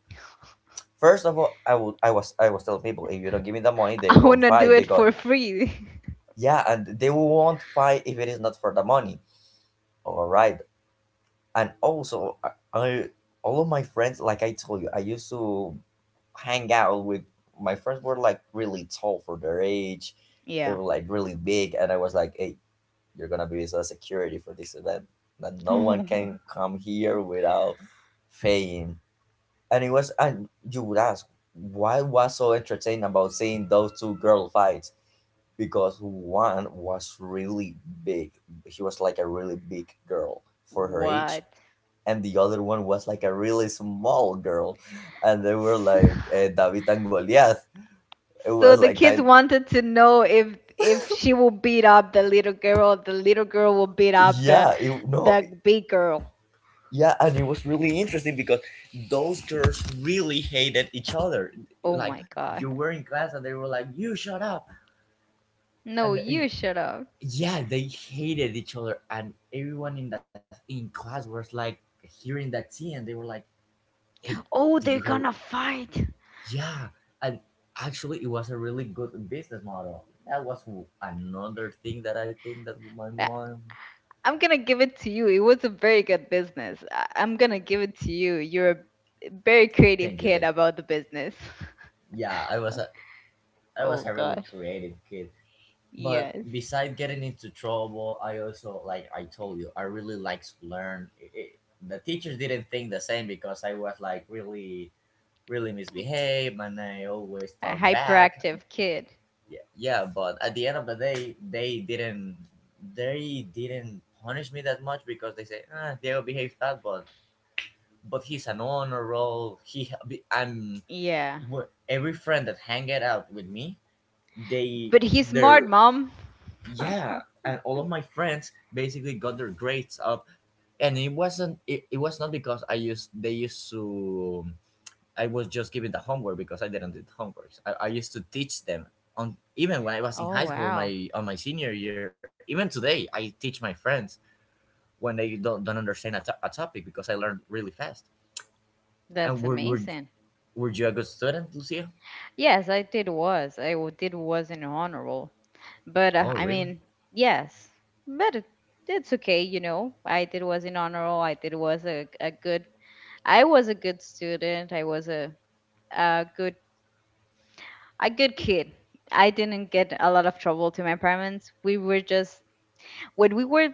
[SPEAKER 2] First of all, I would I was— I was telling people, if you don't give me the money, they
[SPEAKER 1] I
[SPEAKER 2] won't
[SPEAKER 1] wanna do
[SPEAKER 2] fight,
[SPEAKER 1] it
[SPEAKER 2] because
[SPEAKER 1] for free.
[SPEAKER 2] yeah, and they won't fight if it is not for the money. All right, and also I, I all of my friends, like I told you, I used to hang out with— my friends were like really tall for their age. They
[SPEAKER 1] Yeah.
[SPEAKER 2] were like really big, and I was like, "Hey, you're gonna be the security for this event. That no one can come here without paying." And it was, and you would ask, why was so entertaining about seeing those two girl fights? Because one was really big. She was like a really big girl for her age.
[SPEAKER 1] What?
[SPEAKER 2] And the other one was like a really small girl. And they were
[SPEAKER 1] S-
[SPEAKER 2] like uh, David and Goliath. It was
[SPEAKER 1] So the
[SPEAKER 2] like
[SPEAKER 1] kids
[SPEAKER 2] kind—
[SPEAKER 1] wanted to know if if she will beat up the little girl, the little girl will beat up the
[SPEAKER 2] yeah, it, no,
[SPEAKER 1] the big girl.
[SPEAKER 2] yeah, and it was really interesting because those girls really hated each other.
[SPEAKER 1] Oh
[SPEAKER 2] Like,
[SPEAKER 1] my
[SPEAKER 2] you
[SPEAKER 1] god.
[SPEAKER 2] were in class and they were like, "You shut up!"
[SPEAKER 1] No,
[SPEAKER 2] And uh,
[SPEAKER 1] you shut up.
[SPEAKER 2] yeah, they hated each other, and everyone in that— in class was like hearing that tea, and they were like, "Hey,
[SPEAKER 1] Oh,
[SPEAKER 2] did you
[SPEAKER 1] they're
[SPEAKER 2] hear?"
[SPEAKER 1] gonna fight.
[SPEAKER 2] Yeah, and actually, it was a really good business model. That was w- another thing that I think that my mom.
[SPEAKER 1] I'm gonna give it to you. It was a very good business. I- I'm gonna give it to you. You're a very
[SPEAKER 2] Thank you,
[SPEAKER 1] creative
[SPEAKER 2] thank you.
[SPEAKER 1] kid about the business.
[SPEAKER 2] Yeah, I was a— I was a
[SPEAKER 1] Oh
[SPEAKER 2] really
[SPEAKER 1] gosh,
[SPEAKER 2] creative kid. But
[SPEAKER 1] yes,
[SPEAKER 2] beside getting into trouble, I also, like I told you, I really likes to learn. It- it- the teachers didn't think the same, because I was like really really misbehaved and I always
[SPEAKER 1] a
[SPEAKER 2] talk back.
[SPEAKER 1] hyperactive kid.
[SPEAKER 2] Yeah, yeah, but at the end of the day, they didn't— they didn't punish me that much, because they say, "Ah, Diego behaves bad, but but he's an honor roll." He I'm
[SPEAKER 1] Yeah,
[SPEAKER 2] every friend that hang it out with me, they
[SPEAKER 1] but he's smart,
[SPEAKER 2] their
[SPEAKER 1] mom.
[SPEAKER 2] yeah, and all of my friends basically got their grades up, and it wasn't it, it was not because I used they used to, I was just giving the homework because I didn't do the homework I, I used to teach them on even when i was in
[SPEAKER 1] Oh
[SPEAKER 2] high school,
[SPEAKER 1] wow,
[SPEAKER 2] my on my senior year. Even today I teach my friends when they don't, don't understand a, to- a topic, because i learned really fast. And
[SPEAKER 1] that's
[SPEAKER 2] were, were,
[SPEAKER 1] amazing.
[SPEAKER 2] were you a good student, Lucia?
[SPEAKER 1] Yes, I did was I w- did was an honorable, but
[SPEAKER 2] Oh
[SPEAKER 1] uh, I
[SPEAKER 2] really?
[SPEAKER 1] mean, yes, but it... it's okay, you know. I did was an honorable. I did was a a good. I was a good student. I was a a good a good kid. I didn't get a lot of trouble to my parents. We were just, when we were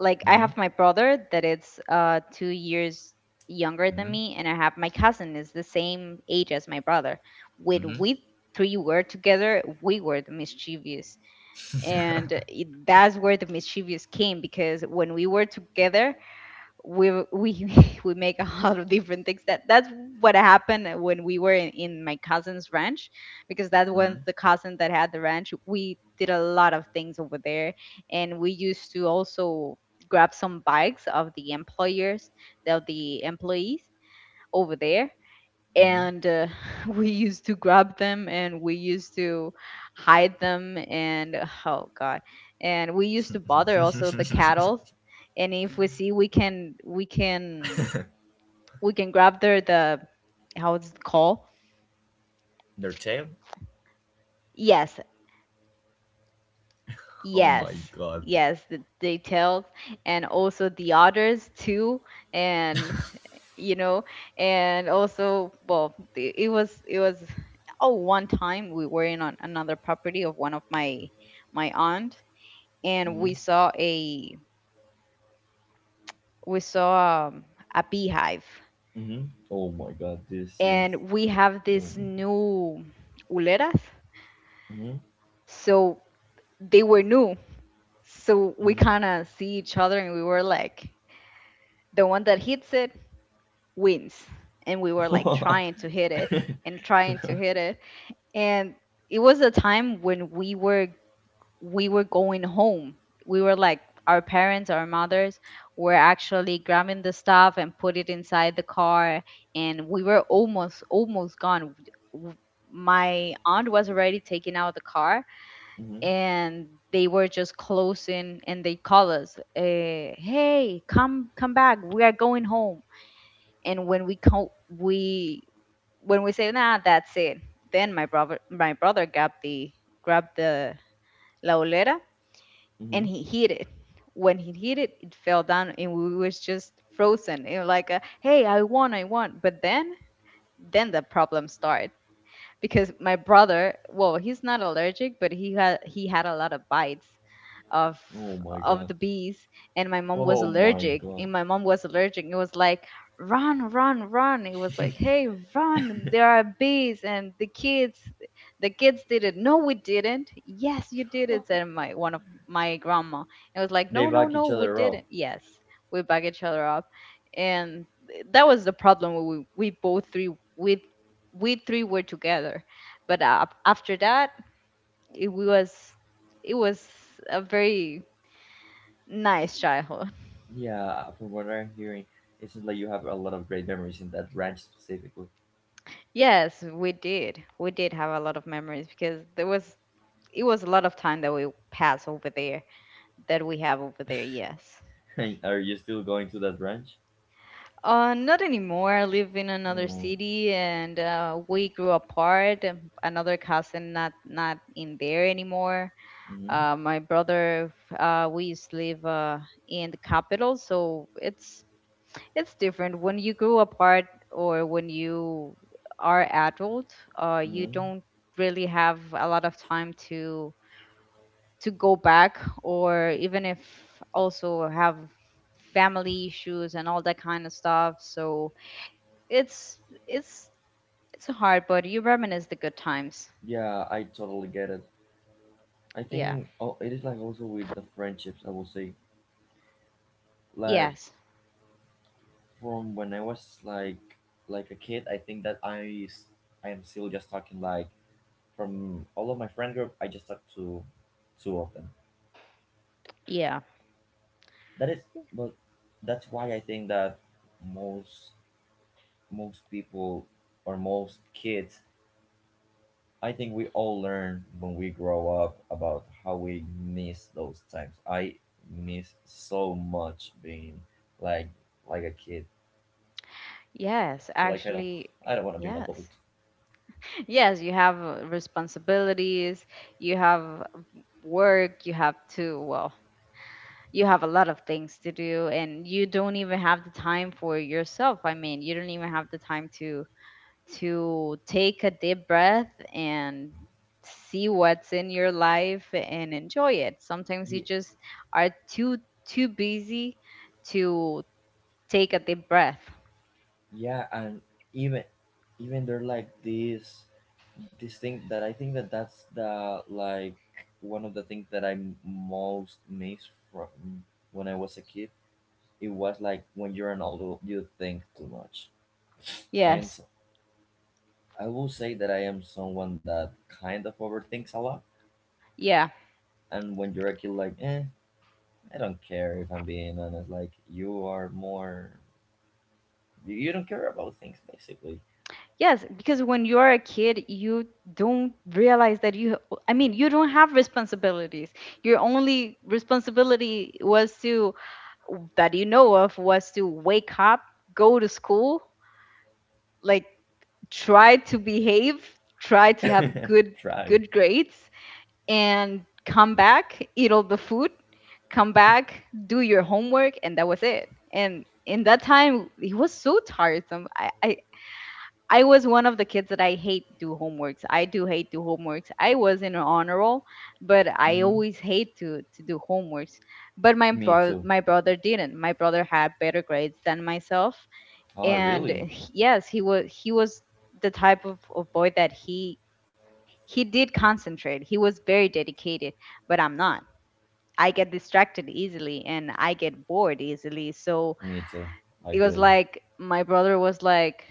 [SPEAKER 1] like, I have
[SPEAKER 2] Mm-hmm.
[SPEAKER 1] my brother that it's uh two years younger than
[SPEAKER 2] Hmm.
[SPEAKER 1] me, and I have my cousin is the same age as my brother. When we three were together, we were the mischievous. And it- that's where the mischievous came, because when we were together, we we we make a lot of different things. That that's what happened when we were in, in my cousin's ranch, because that was
[SPEAKER 2] Hmm.
[SPEAKER 1] the cousin that had the ranch. We did a lot of things over there, and we used to also grab some bikes of the employers, of the employees over there.
[SPEAKER 2] Hmm.
[SPEAKER 1] And uh, we used to grab them, and we used to hide them. And oh god. And we used to bother also the cattle, and if we see we can, we can we can grab their the... how it's called?
[SPEAKER 2] Their tail.
[SPEAKER 1] Yes.
[SPEAKER 2] Oh my
[SPEAKER 1] Yes,
[SPEAKER 2] god.
[SPEAKER 1] yes, th- they tell, and also the others too, and you know, and also, well, the- it was it was... Oh, one time we were in, on another property of one of my my aunt, and we
[SPEAKER 2] Mhm,
[SPEAKER 1] saw a, we saw um, a beehive,
[SPEAKER 2] mhm. Oh my god, this seems.
[SPEAKER 1] and we have this
[SPEAKER 2] Oh my
[SPEAKER 1] new uleras,
[SPEAKER 2] god.
[SPEAKER 1] so they were new, so we
[SPEAKER 2] Mhm,
[SPEAKER 1] kind of see each other, and we were like, the one that hits it wins. And we were like
[SPEAKER 2] mhm.
[SPEAKER 1] trying to hit it, and trying to hit it. And it was a time when we were, we were going home. We were like, our parents, our mothers were actually grabbing the stuff and put it inside the car, and we were almost, almost gone. W- my aunt was already taking out the car,
[SPEAKER 2] Mhm,
[SPEAKER 1] and they were just closing, and they call us, uh, hey, come, come back, we are going home. And when we co- we when we say nah, that's it. Then my brother my brother grabbed the grabbed the la olera, and
[SPEAKER 2] mhm.
[SPEAKER 1] he hit it. When he hit it, it fell down, and we was just frozen. It was like, a, hey, I won, I won! But then then the problem started, because my brother, well, he's not allergic, but he had he had a lot of bites of
[SPEAKER 2] Oh my
[SPEAKER 1] of the
[SPEAKER 2] god.
[SPEAKER 1] bees. And my mom was
[SPEAKER 2] Oh my
[SPEAKER 1] allergic, and
[SPEAKER 2] god.
[SPEAKER 1] my mom was allergic. It was like, run, run, run! It was like, hey, run, there are bees! And the kids the kids did it. No, we didn't. Yes, you did it, said my one of my grandma. It was like, no,
[SPEAKER 2] They
[SPEAKER 1] no,
[SPEAKER 2] back
[SPEAKER 1] no,
[SPEAKER 2] each
[SPEAKER 1] we
[SPEAKER 2] other
[SPEAKER 1] didn't.
[SPEAKER 2] up.
[SPEAKER 1] Yes. We back each other up. And that was the problem. We we both three we we three were together. But uh, after that, it was... it was a very nice childhood.
[SPEAKER 2] Yeah, from what I'm hearing, it seems like you have a lot of great memories in that ranch specifically.
[SPEAKER 1] Yes, we did. We did have a lot of memories, because there was, it was a lot of time that we pass over there, that we have over there. Yes.
[SPEAKER 2] Are you still going to that ranch?
[SPEAKER 1] Uh, not anymore. I live in another
[SPEAKER 2] Oh,
[SPEAKER 1] city, and uh, we grew apart. And another cousin not not in there anymore.
[SPEAKER 2] mm-hmm,
[SPEAKER 1] Uh, my brother, uh, we used to live, uh, in the capital, so it's It's different. When you grow apart, or when you are adult, uh, you
[SPEAKER 2] mm-hmm.
[SPEAKER 1] don't really have a lot of time to to go back, or even if also have family issues and all that kind of stuff. So it's it's it's hard, but you reminisce the good times.
[SPEAKER 2] Yeah, I totally get it. I
[SPEAKER 1] Yeah.
[SPEAKER 2] think, oh, it is like also with the friendships, I will say. Like,
[SPEAKER 1] Yes.
[SPEAKER 2] from when I was like like a kid, I think that I s- I am still just talking, like, from all of my friend group, I just talk to two of them.
[SPEAKER 1] Yeah.
[SPEAKER 2] That is, but that's why I think that most most people or most kids, I think we all learn when we grow up about how we miss those times. I miss so much being like like a kid.
[SPEAKER 1] Yes.
[SPEAKER 2] Like, I don't,
[SPEAKER 1] Actually,
[SPEAKER 2] I don't want to be an
[SPEAKER 1] yes.
[SPEAKER 2] adult.
[SPEAKER 1] Yes, you have uh, responsibilities, you have work, you have to, well, you have a lot of things to do, and you don't even have the time for yourself. I mean, you don't even have the time to to take a deep breath and see what's in your life and enjoy it. Sometimes you
[SPEAKER 2] Ye-
[SPEAKER 1] just are too too busy to take a deep breath.
[SPEAKER 2] Yeah, and even even they're like this this thing that i think that that's the like one of the things that I'm most missed from when i was a kid. It was like, when you're an adult, you think too much. I am
[SPEAKER 1] Yes,
[SPEAKER 2] so, i will say that i am someone that kind of overthinks a lot.
[SPEAKER 1] yeah,
[SPEAKER 2] And when you're a kid, like, eh, i don't care, if i'm being honest. Like, you are more, you, you don't care about things, basically.
[SPEAKER 1] yes. Because when you're a kid, you don't realize that you I mean, you don't have responsibilities. Your only responsibility was to that you know of was to wake up, go to school, like, try to behave, try to have good
[SPEAKER 2] Try.
[SPEAKER 1] good grades, and come back, eat all the food, come back, do your homework, and that was it. And in that time, it was so tiresome. I I, I was one of the kids that I hate do homeworks. I do hate do homeworks. I was in an honor roll, but I
[SPEAKER 2] Hmm.
[SPEAKER 1] always hate to to do homeworks. But my
[SPEAKER 2] Me
[SPEAKER 1] bro-
[SPEAKER 2] too.
[SPEAKER 1] my brother didn't. My brother had better grades than myself,
[SPEAKER 2] Oh
[SPEAKER 1] and
[SPEAKER 2] really?
[SPEAKER 1] he- yes, he was he was the type of, of boy that he he did concentrate. He was very dedicated, but I'm not. I get distracted easily, and I get bored easily. So
[SPEAKER 2] Me too.
[SPEAKER 1] it
[SPEAKER 2] I
[SPEAKER 1] was
[SPEAKER 2] feel you.
[SPEAKER 1] like my brother was like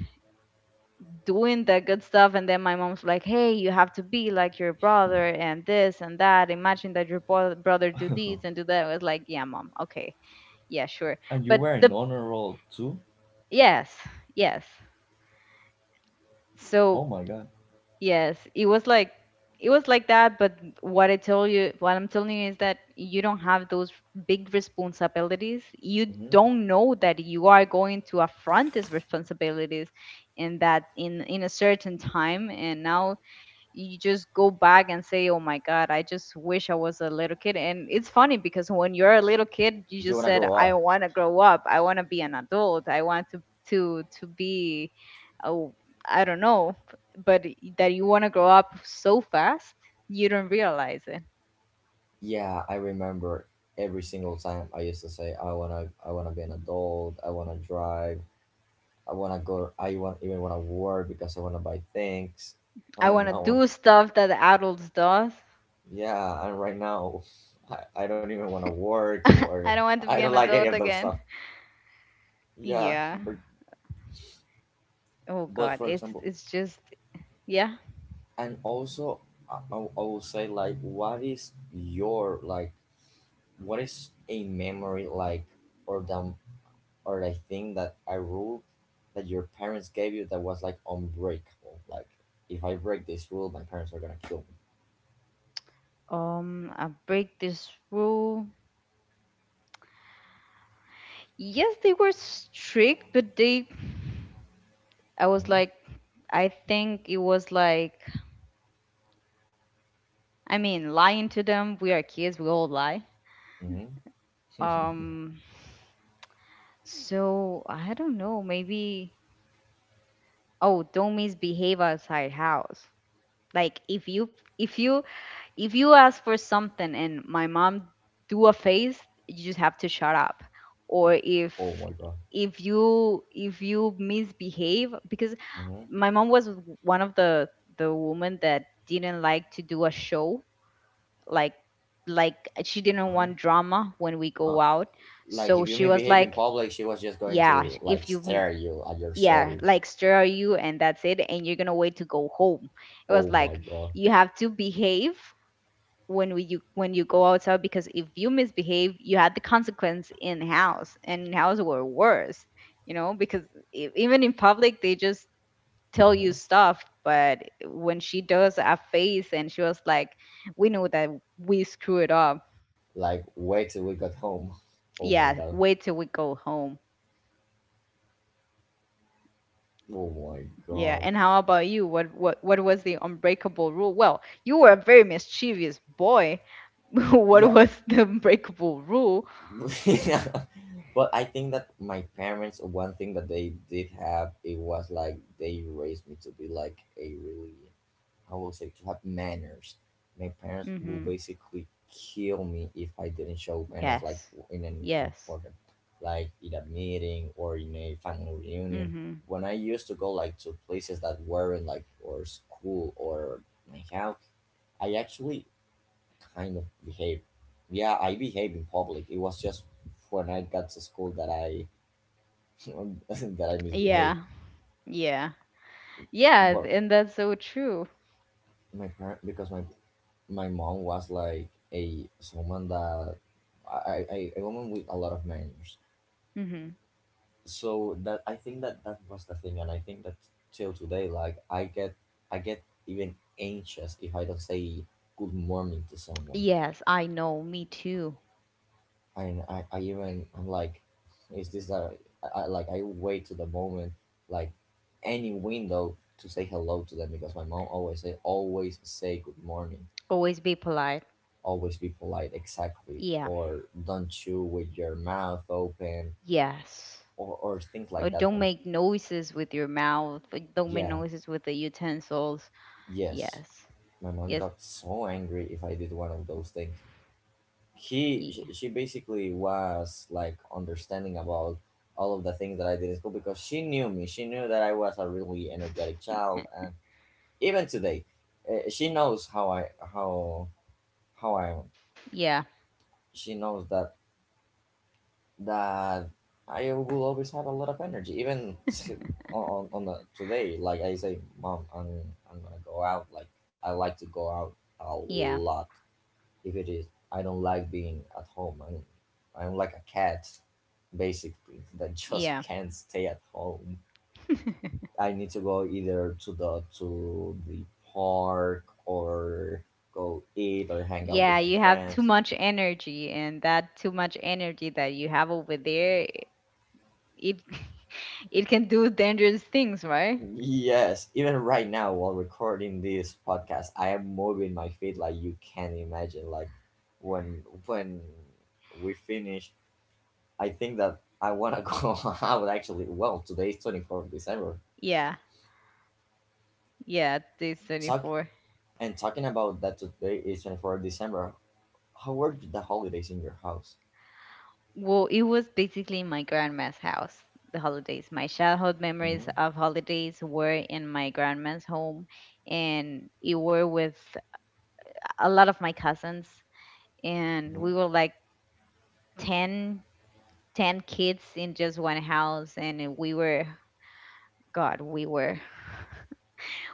[SPEAKER 1] doing the good stuff, and then my mom's like, hey, you have to be like your brother and this and that. Imagine that your bro- brother do this and do that. I was like, yeah, Mom, okay, yeah, sure.
[SPEAKER 2] And you
[SPEAKER 1] but
[SPEAKER 2] were in
[SPEAKER 1] the
[SPEAKER 2] honor roll too?
[SPEAKER 1] Yes, yes, so
[SPEAKER 2] Oh my god.
[SPEAKER 1] yes, it was like it was like that. But what i tell you what I'm telling you is that you don't have those big responsibilities, you
[SPEAKER 2] Hmm.
[SPEAKER 1] don't know that you are going to affront these responsibilities in that in in a certain time, and now you just go back and say, "Oh my God, I just wish I was a little kid." And it's funny because when you're a little kid, you
[SPEAKER 2] Do you
[SPEAKER 1] just
[SPEAKER 2] wanna
[SPEAKER 1] said,
[SPEAKER 2] grow
[SPEAKER 1] "I
[SPEAKER 2] up?
[SPEAKER 1] want to grow up. I want to be an adult. I want to to to be, oh, I don't know." But that you want to grow up so fast, you don't realize it.
[SPEAKER 2] Yeah, I remember every single time I used to say, I wanna, I wanna be an adult. I wanna drive. I wanna go. I want, even wanna work, because I wanna buy things.
[SPEAKER 1] I want
[SPEAKER 2] And
[SPEAKER 1] to
[SPEAKER 2] now,
[SPEAKER 1] do stuff that the adults does.
[SPEAKER 2] yeah, and right now, I, I don't even wanna work,
[SPEAKER 1] I
[SPEAKER 2] or
[SPEAKER 1] don't want to
[SPEAKER 2] I
[SPEAKER 1] be
[SPEAKER 2] don't
[SPEAKER 1] an
[SPEAKER 2] like any
[SPEAKER 1] adult
[SPEAKER 2] of those
[SPEAKER 1] again.
[SPEAKER 2] stuff. Yeah,
[SPEAKER 1] Yeah.
[SPEAKER 2] but
[SPEAKER 1] Oh
[SPEAKER 2] but
[SPEAKER 1] God,
[SPEAKER 2] for
[SPEAKER 1] it's
[SPEAKER 2] example,
[SPEAKER 1] it's just, yeah.
[SPEAKER 2] and also, I, I I will say, like, what is your like, what is a memory like, or the, or the thing, that a rule that your parents gave you that was like unbreakable? Like, if I break this rule, my parents are gonna kill
[SPEAKER 1] Um, I break this rule. Yes, they were strict, but they, I was
[SPEAKER 2] me.
[SPEAKER 1] like, I think it was like, I mean, lying to them, we are kids, we all lie.
[SPEAKER 2] Hmm. Hmm.
[SPEAKER 1] um so, I don't know, maybe. Oh, don't misbehave outside house. Like if you if you if you ask for something and my mom do a face, you just have to shut up. Or
[SPEAKER 2] Oh
[SPEAKER 1] if
[SPEAKER 2] my god.
[SPEAKER 1] if you if you misbehave. Because
[SPEAKER 2] Hmm.
[SPEAKER 1] my mom was one of the the women that didn't like to do a show. Like like she didn't
[SPEAKER 2] Uh-huh.
[SPEAKER 1] want drama when we
[SPEAKER 2] Uh,
[SPEAKER 1] go out.
[SPEAKER 2] like,
[SPEAKER 1] So
[SPEAKER 2] if you
[SPEAKER 1] she was
[SPEAKER 2] misbehave in
[SPEAKER 1] like,
[SPEAKER 2] public, she was just going
[SPEAKER 1] yeah,
[SPEAKER 2] to like
[SPEAKER 1] if you m-
[SPEAKER 2] stare you at your
[SPEAKER 1] yeah,
[SPEAKER 2] soul.
[SPEAKER 1] like, stir you, and that's it, and you're gonna wait to go home. It was
[SPEAKER 2] Oh
[SPEAKER 1] like
[SPEAKER 2] my god.
[SPEAKER 1] you have to behave when we you when you go outside, because if you misbehave, you had the consequence in house, and in house were worse, you know, because e- even in public, they just tell you
[SPEAKER 2] Hmm.
[SPEAKER 1] stuff, but when she does a face and she was like, we know that we screw it up.
[SPEAKER 2] Like, wait till we got home. Oh my
[SPEAKER 1] Yeah,
[SPEAKER 2] god.
[SPEAKER 1] wait till we go home.
[SPEAKER 2] Oh my
[SPEAKER 1] Yeah.
[SPEAKER 2] god.
[SPEAKER 1] And how about you? What what what was the unbreakable rule? Well, you were a very mischievous boy. What
[SPEAKER 2] Yeah,
[SPEAKER 1] was the unbreakable rule?
[SPEAKER 2] yeah. Well, I think that my parents, one thing that they did have, it was like they raised me to be like a really, I will say, to have manners. My parents will
[SPEAKER 1] Mhm.
[SPEAKER 2] basically kill me if I didn't show manners, like
[SPEAKER 1] Yes,
[SPEAKER 2] in an
[SPEAKER 1] yes.
[SPEAKER 2] important, like in a meeting or in a family reunion.
[SPEAKER 1] Mhm.
[SPEAKER 2] When I used to go, like, to places that weren't like, or school or my house, I actually kind of behave. Yeah, I behave in public. It was just when I got to school that I that I misbehaved.
[SPEAKER 1] Yeah. Yeah. Yeah,
[SPEAKER 2] But
[SPEAKER 1] and that's so true.
[SPEAKER 2] my parent, because my my mom was like a someone that, I, I I- a woman with a lot of manners.
[SPEAKER 1] Mhm.
[SPEAKER 2] So that, I think that that was the thing, and I think that till today, like, I get I get even anxious if I don't say good morning to someone.
[SPEAKER 1] Yes, I know, me too.
[SPEAKER 2] And I, I even I'm like, is this a, I, I like, I wait to the moment, like, any window to say hello to them, because my mom always say always say good morning,
[SPEAKER 1] Always be polite.
[SPEAKER 2] always be polite, exactly,
[SPEAKER 1] Yeah,
[SPEAKER 2] or don't chew with your mouth open,
[SPEAKER 1] yes.
[SPEAKER 2] or or things
[SPEAKER 1] Or
[SPEAKER 2] like that.
[SPEAKER 1] don't
[SPEAKER 2] My,
[SPEAKER 1] make noises with your mouth. Or don't make
[SPEAKER 2] yeah,
[SPEAKER 1] noises with the utensils.
[SPEAKER 2] yes,
[SPEAKER 1] Yes,
[SPEAKER 2] my mom
[SPEAKER 1] yes,
[SPEAKER 2] got so angry if I did one of those things. He
[SPEAKER 1] yeah,
[SPEAKER 2] sh- she basically was like understanding about all of the things that I did in school, because she knew me. She knew that I was a really energetic child, and even today, uh, she knows how I how how I am.
[SPEAKER 1] yeah,
[SPEAKER 2] She knows that, that I will always have a lot of energy, even on on the today. Like, I say, mom, I'm I'm gonna go out. Like, I like to go out a
[SPEAKER 1] yeah,
[SPEAKER 2] lot. If it is, I don't like being at home. I'm I'm like a cat basically that just
[SPEAKER 1] yeah.
[SPEAKER 2] can't stay at home. I need to go either to the, to the park or go eat or hang out
[SPEAKER 1] Yeah,
[SPEAKER 2] with my
[SPEAKER 1] you have too
[SPEAKER 2] friends.
[SPEAKER 1] much energy, and that too much energy that you have over there, it it can do dangerous things, right?
[SPEAKER 2] Yes, even right now while recording this podcast, I am moving my feet, like, you can imagine. Like, when when we finish, I think that I wanna go out actually. Well, today is twenty fourth of December.
[SPEAKER 1] Yeah. Yeah, this
[SPEAKER 2] Talk,
[SPEAKER 1] twenty-fourth.
[SPEAKER 2] and talking about that today is twenty fourth of December. How were the holidays in your house?
[SPEAKER 1] Well, it was basically my grandma's house, the holidays. My childhood
[SPEAKER 2] Mhm,
[SPEAKER 1] memories of holidays were in my grandma's home, and it were with a lot of my cousins. And
[SPEAKER 2] mhm,
[SPEAKER 1] we were like ten, ten kids in just one house, and we were, God, we were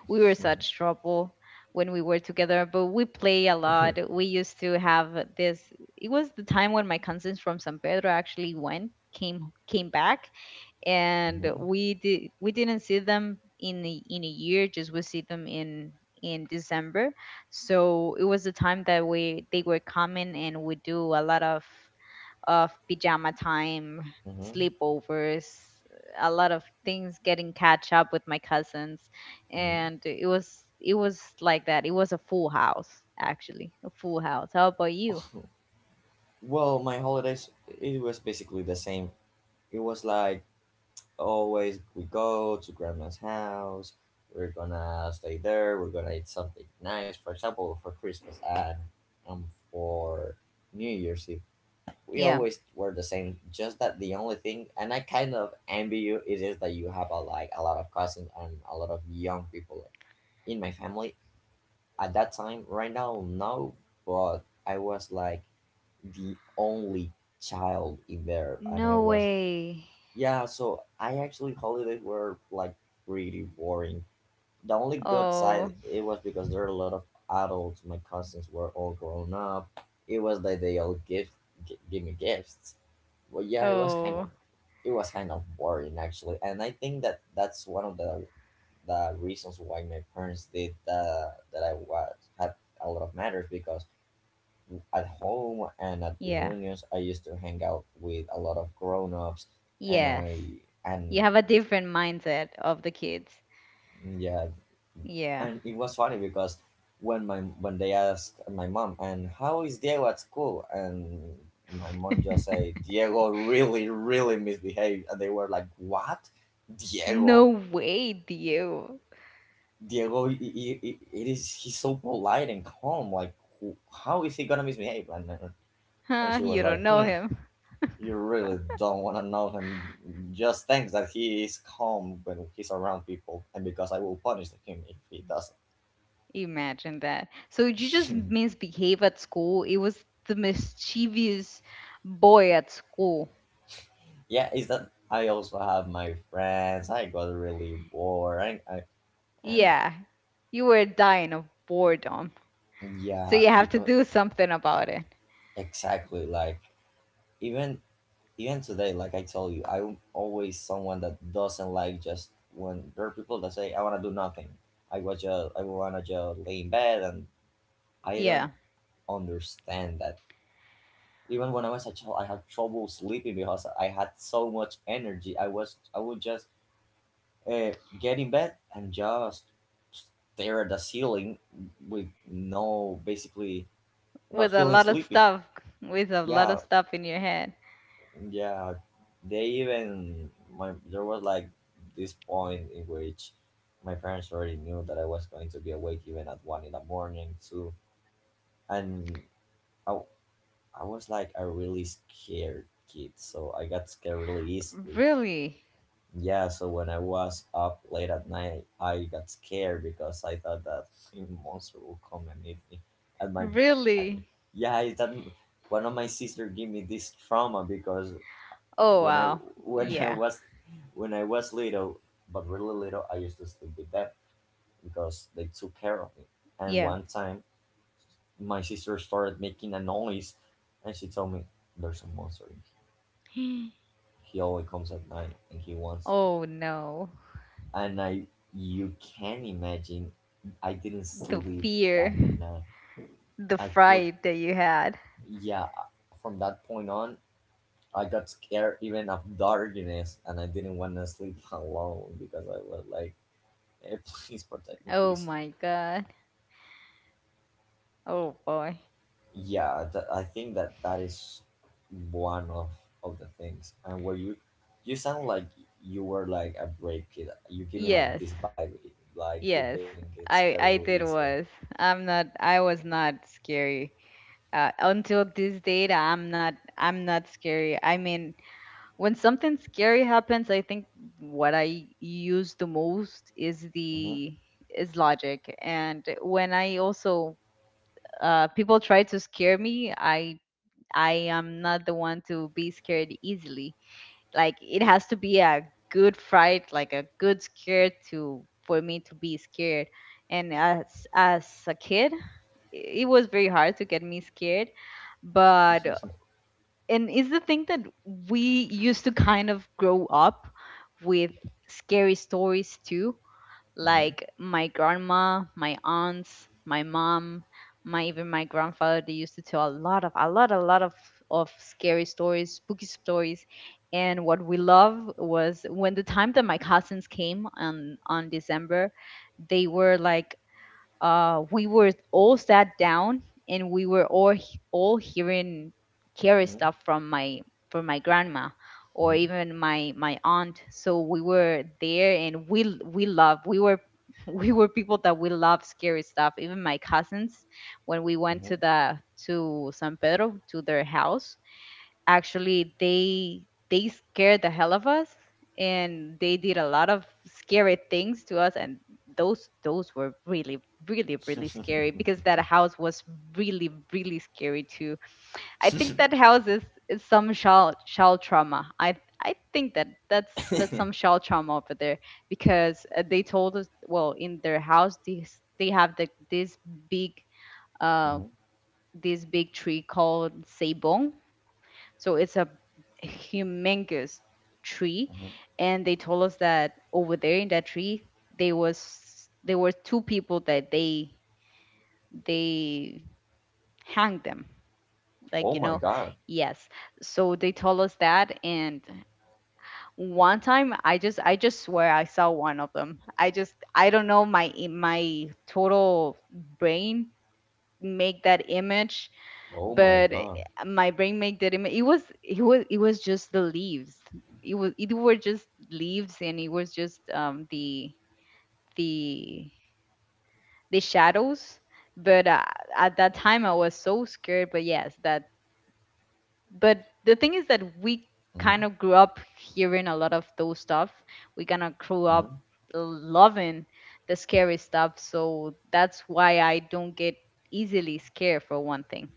[SPEAKER 1] we were such trouble when we were together, but we play a lot. We used to have this. It was the time when my cousins from San Pedro actually went, came came back, and
[SPEAKER 2] mhm,
[SPEAKER 1] we did we didn't see them in the in a year. Just we see them in in December. So it was the time that we they were coming, and we do a lot of of pajama time,
[SPEAKER 2] mhm,
[SPEAKER 1] sleepovers, a lot of things getting catch up with my cousins,
[SPEAKER 2] mhm.
[SPEAKER 1] and it was it was like that. It was a full house actually, a full house. How about you?
[SPEAKER 2] Well, my holidays, it was basically the same. It was like, always we go to grandma's house, we're gonna stay there, we're gonna eat something nice. For example, for Christmas and um, for New Year's Eve, we
[SPEAKER 1] Yeah.
[SPEAKER 2] always were the same. Just that the only thing, and I kind of envy you, it is that you have a, like, a lot of cousins and a lot of young people in my family at that time. Right now, no, but I was like the only child in there, and i
[SPEAKER 1] No
[SPEAKER 2] was,
[SPEAKER 1] way.
[SPEAKER 2] yeah, so i actually, holidays were like pretty boring. The only good
[SPEAKER 1] Oh.
[SPEAKER 2] side, it was because there are a lot of adults, my cousins were all grown up, it was that they all give, gi- give me gifts. Well, yeah, it was kind
[SPEAKER 1] Oh.
[SPEAKER 2] of, it was kind of boring, actually. And i think that that's one of the the reasons why my parents did, uh, that i was had a lot of matters, because at home and at
[SPEAKER 1] Yeah.
[SPEAKER 2] reunions, I used to hang out with a lot of grown-ups, and
[SPEAKER 1] Yes.
[SPEAKER 2] I
[SPEAKER 1] You
[SPEAKER 2] and
[SPEAKER 1] have a different mindset of the kids.
[SPEAKER 2] yeah,
[SPEAKER 1] Yeah.
[SPEAKER 2] and it was funny because when my, when they asked my mom, and how is Diego at school, and my mom just said, Diego really really misbehaved, and they were like, "What,
[SPEAKER 1] No
[SPEAKER 2] Diego?
[SPEAKER 1] way, Dio.
[SPEAKER 2] Diego, i- i- i- it is, he's so polite and calm. Like, who- how is he gonna misbehave?" And and
[SPEAKER 1] Huh,
[SPEAKER 2] she was
[SPEAKER 1] you don't
[SPEAKER 2] like,
[SPEAKER 1] know
[SPEAKER 2] "Hmm."
[SPEAKER 1] him.
[SPEAKER 2] You really don't want to know him. Just think that he is calm when he's around people, and because I will punish him if he
[SPEAKER 1] Imagine that. So you just
[SPEAKER 2] doesn't.
[SPEAKER 1] misbehave at school. It was the mischievous boy at school.
[SPEAKER 2] Yeah, is that I also have my friends, I got really bored. I, I, and
[SPEAKER 1] Yeah, you were dying of boredom. So
[SPEAKER 2] yeah,
[SPEAKER 1] you have to
[SPEAKER 2] because
[SPEAKER 1] do something about it.
[SPEAKER 2] exactly, like even, even today, like I told you, I'm always someone that doesn't like, just when there are people that say, I want to do nothing. I was just, I want to just lay in bed, and I don't
[SPEAKER 1] Yeah,
[SPEAKER 2] understand that. Even when I was a child, I had trouble sleeping because I had so much energy. I was I would just, uh, get in bed and just stare at the ceiling with no, basically not
[SPEAKER 1] with a
[SPEAKER 2] feeling
[SPEAKER 1] lot of
[SPEAKER 2] sleepy.
[SPEAKER 1] stuff, with a lot of
[SPEAKER 2] Yeah,
[SPEAKER 1] stuff in your head.
[SPEAKER 2] yeah. They even my, there was like this point in which my parents already knew that I was going to be awake even at one in the morning too, and I I was like a really scared kid, so I got scared really easily.
[SPEAKER 1] Really?
[SPEAKER 2] Yeah, so when I was up late at night, I got scared, because I thought that freaking monster will come and eat me. And my, I,
[SPEAKER 1] Really?
[SPEAKER 2] yeah, I- that one of my sister gave me this trauma, because
[SPEAKER 1] Oh,
[SPEAKER 2] when I
[SPEAKER 1] wow.
[SPEAKER 2] when I
[SPEAKER 1] Yeah,
[SPEAKER 2] was, when I was little, but really little, I used to sleep with them because they took care of me. And
[SPEAKER 1] yeah.
[SPEAKER 2] one time, my sister started making a noise, and she told me, "There's a monster in here. He always comes at night and he wants you."
[SPEAKER 1] Oh, no.
[SPEAKER 2] And I, you can imagine, I didn't
[SPEAKER 1] The
[SPEAKER 2] sleep that
[SPEAKER 1] fear,
[SPEAKER 2] night.
[SPEAKER 1] the
[SPEAKER 2] I could,
[SPEAKER 1] fright that you had.
[SPEAKER 2] yeah, from that point on I got scared even of darkness, and I didn't want to sleep alone, because I was like, "Eh, please protect me,
[SPEAKER 1] Oh,
[SPEAKER 2] please.
[SPEAKER 1] my God. Oh, boy.
[SPEAKER 2] Yeah, th- I think that that is one of of the things. And where you you sound like you were like a brave kid, you give me like
[SPEAKER 1] Yes.
[SPEAKER 2] this vibe, like you
[SPEAKER 1] Yes,
[SPEAKER 2] didn't get
[SPEAKER 1] I
[SPEAKER 2] scared really
[SPEAKER 1] I did
[SPEAKER 2] easily.
[SPEAKER 1] was. I'm not I was not scary. Uh, until this date, I'm not I'm not scary. I mean, when something scary happens, I think what I use the most is
[SPEAKER 2] Hmm.
[SPEAKER 1] the is logic. And when I also, uh people try to scare me, I I am not the one to be scared easily, like it has to be a good fright, like a good scare to for me to be scared, and as as a kid, it was very hard to get me scared. But and it's the thing that we used to kind of grow up with scary stories too,
[SPEAKER 2] Hmm.
[SPEAKER 1] like my grandma, my aunts, my mom, my even my grandfather. They used to tell a lot of a lot a lot of of scary stories, spooky stories, and what we love was when the time that my cousins came on on December, they were like, uh, we were all sat down, and we were all he- all hearing scary stuff from my from my grandma or
[SPEAKER 2] Hmm.
[SPEAKER 1] even my my aunt, so we were there, and we l- we love, we were we were people that we love scary stuff, even my cousins. When we went
[SPEAKER 2] Hmm.
[SPEAKER 1] to the to San Pedro, to their house, actually they they scared the hell of us, and they did a lot of scary things to us, and those those were really, really, really
[SPEAKER 2] Hmm.
[SPEAKER 1] scary, because that house was really, really scary too. I think that house is, is some child child trauma. I i think that that's that's
[SPEAKER 2] Hmm.
[SPEAKER 1] some child trauma over there, because uh, they told us, well, in their house, these, they have the this big uh this big tree called Sabong. So it's a humongous tree, and they told us that over there in that tree, there was there were two people that they they hanged them, like
[SPEAKER 2] Oh
[SPEAKER 1] you
[SPEAKER 2] my
[SPEAKER 1] know,
[SPEAKER 2] god.
[SPEAKER 1] yes. So they told us that, and one time I just I just swear I saw one of them. I just I don't know, my my total brain make that image,
[SPEAKER 2] Oh my
[SPEAKER 1] but eh,
[SPEAKER 2] god.
[SPEAKER 1] my brain made that ima- it was it was it was just the leaves. It was it were just leaves, and it was just um the the the shadows. But uh, at that time, I was so scared. But yes, that but the thing is that we kind
[SPEAKER 2] Hmm.
[SPEAKER 1] of grew up hearing a lot of those stuff, we kind of grew up
[SPEAKER 2] Hmm.
[SPEAKER 1] loving the scary stuff, so that's why I don't get easily scared, for one thing.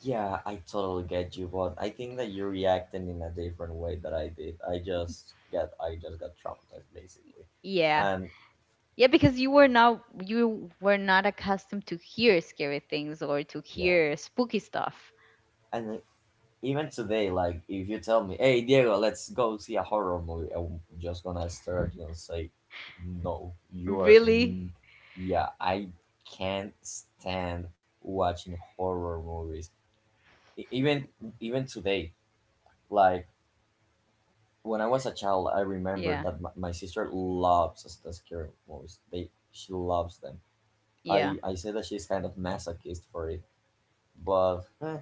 [SPEAKER 2] Yeah, I totally get you, but I think that you're reacting in a different way that I did. I just get, I just got traumatized, basically.
[SPEAKER 1] Yeah.
[SPEAKER 2] And
[SPEAKER 1] Yeah, because you were not you were not accustomed to hear scary things or to
[SPEAKER 2] yeah.
[SPEAKER 1] hear spooky stuff.
[SPEAKER 2] And even today, like, if you tell me, hey Diego, let's go see a horror movie, I'm just gonna stare at you and say, no, you're,
[SPEAKER 1] Really?
[SPEAKER 2] mm, yeah, I can't stand watching horror movies. E- even, even today, like, when i was a child, I remember
[SPEAKER 1] Yeah,
[SPEAKER 2] that my, my sister loves, s- the scary movies, they, she loves them.
[SPEAKER 1] yeah.
[SPEAKER 2] I i say that she's kind of masochist for it, but eh,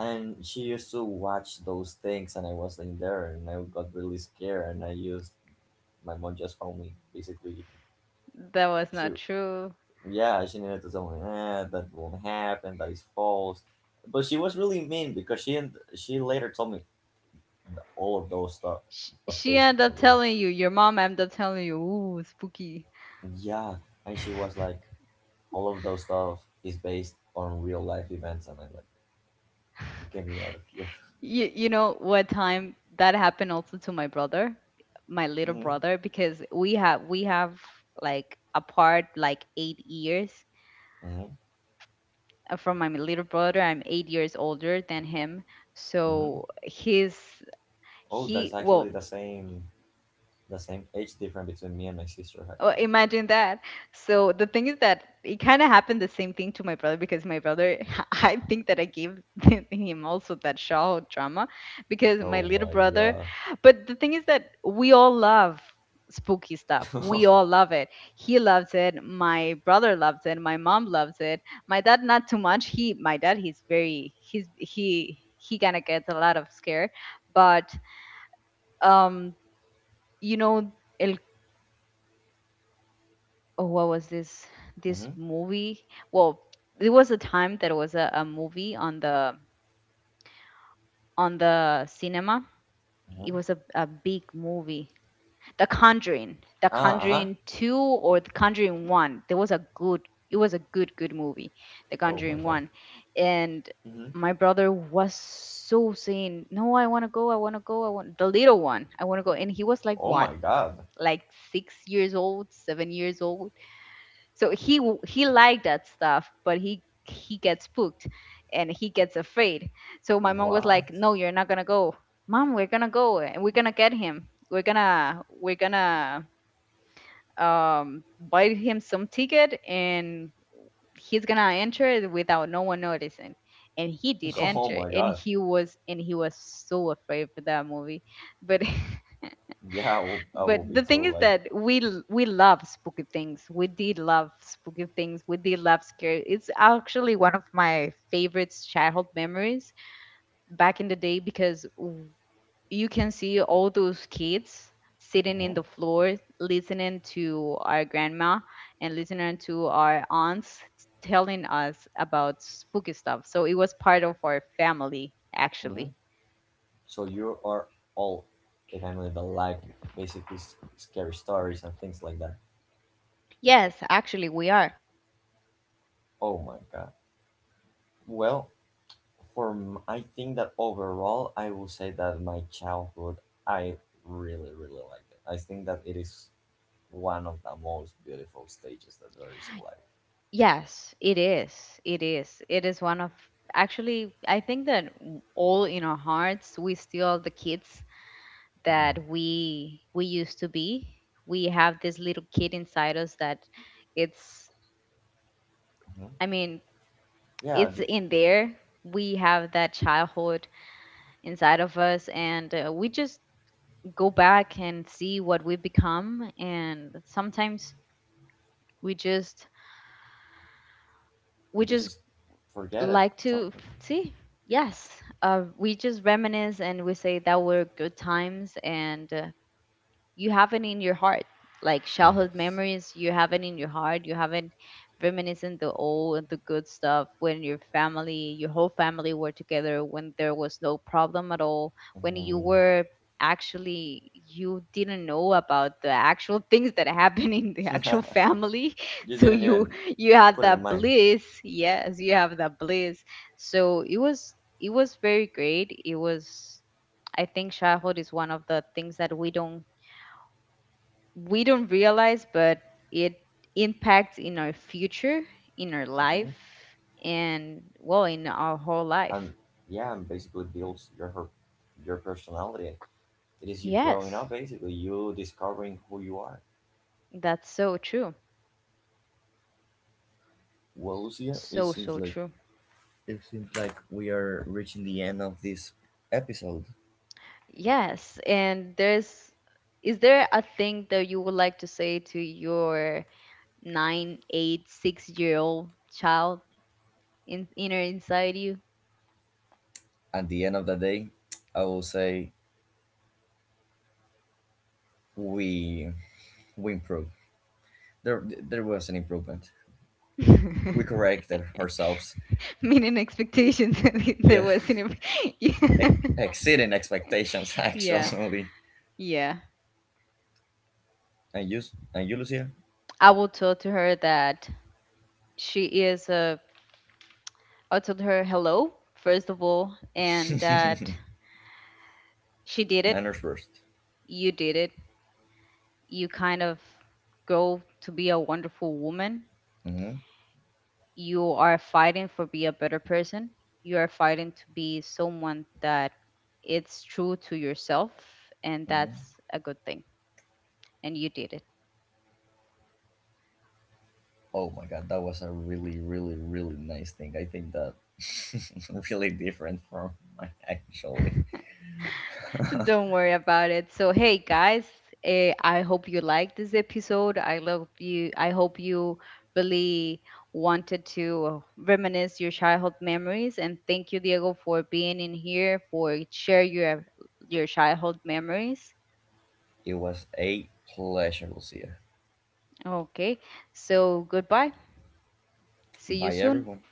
[SPEAKER 2] and she used to watch those things, and i was in there, and i got really scared, and i used, my mom just found me, basically.
[SPEAKER 1] That was
[SPEAKER 2] She,
[SPEAKER 1] not true.
[SPEAKER 2] yeah, she needed to tell me, eh, that won't happen, that is false. But she was really mean, because she, and she later told me, the, all of those stuff
[SPEAKER 1] She,
[SPEAKER 2] was
[SPEAKER 1] she
[SPEAKER 2] based
[SPEAKER 1] ended up
[SPEAKER 2] on real.
[SPEAKER 1] telling you, your mom ended up telling you, ooh, spooky.
[SPEAKER 2] Yeah, and she was like, all of those stuff is based on real life events, and I, like, get me out of here.
[SPEAKER 1] You, you know what time that happened also to my brother, my little
[SPEAKER 2] Hmm.
[SPEAKER 1] brother, because we have we have like apart, like, eight years.
[SPEAKER 2] Hmm.
[SPEAKER 1] Uh, From my little brother, I'm eight years older than him.
[SPEAKER 2] Hmm.
[SPEAKER 1] So his
[SPEAKER 2] Oh, that's
[SPEAKER 1] he
[SPEAKER 2] actually
[SPEAKER 1] well,
[SPEAKER 2] the same, the same age difference between me and my sister
[SPEAKER 1] uh,
[SPEAKER 2] actually.
[SPEAKER 1] imagine that. So the thing is that it kind of happened the same thing to my brother, because my brother I think that I gave him also that shaw drama, because my
[SPEAKER 2] Oh
[SPEAKER 1] little
[SPEAKER 2] my
[SPEAKER 1] brother.
[SPEAKER 2] god.
[SPEAKER 1] But the thing is that we all love spooky stuff, we all love it. He loves it, my brother loves it, my mom loves it. My dad not too much. He My dad, he's very he's he he kind of gets a lot of scare. But um you know, El, oh, what was this this
[SPEAKER 2] Hmm.
[SPEAKER 1] movie? Well, it was a time that it was a, a movie on the on the cinema. It
[SPEAKER 2] Hmm.
[SPEAKER 1] was a, a big movie. The Conjuring, The
[SPEAKER 2] Ah, uh huh.
[SPEAKER 1] Conjuring two, or The Conjuring one. There was a good it was a good good movie, The
[SPEAKER 2] Oh my
[SPEAKER 1] Conjuring
[SPEAKER 2] god.
[SPEAKER 1] one. And
[SPEAKER 2] Hmm.
[SPEAKER 1] my brother was so saying, "No, I want to go. I want to go. I want the little one. I want to go." And he was like,
[SPEAKER 2] Oh
[SPEAKER 1] what?
[SPEAKER 2] my god.
[SPEAKER 1] Like six years old, seven years old, so he w- he liked that stuff, but he he gets spooked, and he gets afraid. So my mom was like,
[SPEAKER 2] What?
[SPEAKER 1] no, you're not gonna go. Mom, we're gonna go, and we're gonna get him, we're gonna we're gonna um buy him some ticket, and he's gonna enter it without no one noticing. And he did
[SPEAKER 2] Oh
[SPEAKER 1] enter,
[SPEAKER 2] my
[SPEAKER 1] and
[SPEAKER 2] god.
[SPEAKER 1] he was and he was so afraid for that movie. But
[SPEAKER 2] Yeah, I will, I
[SPEAKER 1] But
[SPEAKER 2] will be
[SPEAKER 1] the
[SPEAKER 2] too,
[SPEAKER 1] thing is
[SPEAKER 2] like.
[SPEAKER 1] that we l- we love spooky things. We did love spooky things. We did love scary. It's actually one of my favorite childhood memories back in the day, because w- you can see all those kids sitting
[SPEAKER 2] Hmm.
[SPEAKER 1] in the floor listening to our grandma and listening to our aunts telling us about spooky stuff. So it was part of our family actually.
[SPEAKER 2] So you are all a family that, like, basically, s- scary stories and things like that.
[SPEAKER 1] Yes, actually we are.
[SPEAKER 2] Oh my god. Well, for m- I think that overall, I will say that my childhood, I really really liked it. I think that it is one of the most beautiful stages that there is in life.
[SPEAKER 1] Yes, it is. It is. It is one of, actually I think that w- all in our hearts we still are the kids
[SPEAKER 2] Mhm,
[SPEAKER 1] that we we used to be. We have this little kid inside us that it's
[SPEAKER 2] mhm.
[SPEAKER 1] I mean,
[SPEAKER 2] Yeah,
[SPEAKER 1] it's
[SPEAKER 2] ju-
[SPEAKER 1] in there. We have that childhood inside of us, and uh, we just go back and see what we've become. And sometimes we just we
[SPEAKER 2] we
[SPEAKER 1] just
[SPEAKER 2] just forget it
[SPEAKER 1] like to
[SPEAKER 2] something.
[SPEAKER 1] see. Yes. Uh, we just reminisce and we say that were good times. And uh, you have it in your heart, like childhood
[SPEAKER 2] Yes.
[SPEAKER 1] memories, you have it in your heart, you haven't reminiscing the old and the good stuff, when your family your whole family were together, when there was no problem at all, when you
[SPEAKER 2] Mhm.
[SPEAKER 1] were actually you didn't know about the actual things that happen in the actual family,
[SPEAKER 2] You
[SPEAKER 1] so
[SPEAKER 2] didn't
[SPEAKER 1] you
[SPEAKER 2] even
[SPEAKER 1] you had
[SPEAKER 2] put it in
[SPEAKER 1] that
[SPEAKER 2] mind.
[SPEAKER 1] bliss. Yes, you have that bliss, so it was it was very great. It was I think childhood is one of the things that we don't we don't realize, but it impacts in our future, in our life,
[SPEAKER 2] Hmm.
[SPEAKER 1] and, well, in our whole life.
[SPEAKER 2] And yeah, and basically builds your, her- your personality. It is you growing
[SPEAKER 1] Yes,
[SPEAKER 2] up, basically you discovering who you are.
[SPEAKER 1] that's so true.
[SPEAKER 2] Well, Lucia, it
[SPEAKER 1] So,
[SPEAKER 2] seems
[SPEAKER 1] so
[SPEAKER 2] like,
[SPEAKER 1] true.
[SPEAKER 2] it seems like we are reaching the end of this episode.
[SPEAKER 1] Yes, and there's is there a thing that you would like to say to your nine, eight, six year old child in inner inside you?
[SPEAKER 2] At the end of the day, I will say, we we improved. There there was an improvement. We corrected ourselves.
[SPEAKER 1] Meaning expectations that there
[SPEAKER 2] Yeah,
[SPEAKER 1] was in a yeah,
[SPEAKER 2] ex- exceeding expectations
[SPEAKER 1] yeah.
[SPEAKER 2] actually.
[SPEAKER 1] Yeah.
[SPEAKER 2] And you, s- and you, Lucia?
[SPEAKER 1] I will tell to her that she is a. I'll tell her hello first of all, and that she did it.
[SPEAKER 2] Manners first.
[SPEAKER 1] You did it. You kind of grow to be a wonderful woman.
[SPEAKER 2] Mm-hmm,
[SPEAKER 1] You are fighting for be a better person. You are fighting to be someone that it's true to yourself, and
[SPEAKER 2] mm-hmm.
[SPEAKER 1] that's a good thing. And you did it.
[SPEAKER 2] Oh my god, that was a really, really, really nice thing. I think that really different from mine, actually.
[SPEAKER 1] Don't worry about it. So, hey guys, eh, I hope you liked this episode. I love you. I hope you really wanted to reminisce your childhood memories. And thank you, Diego, for being in here for share your your childhood memories.
[SPEAKER 2] It was a pleasure, Lucia.
[SPEAKER 1] Okay. So goodbye. See you
[SPEAKER 2] Bye,
[SPEAKER 1] soon.
[SPEAKER 2] everyone.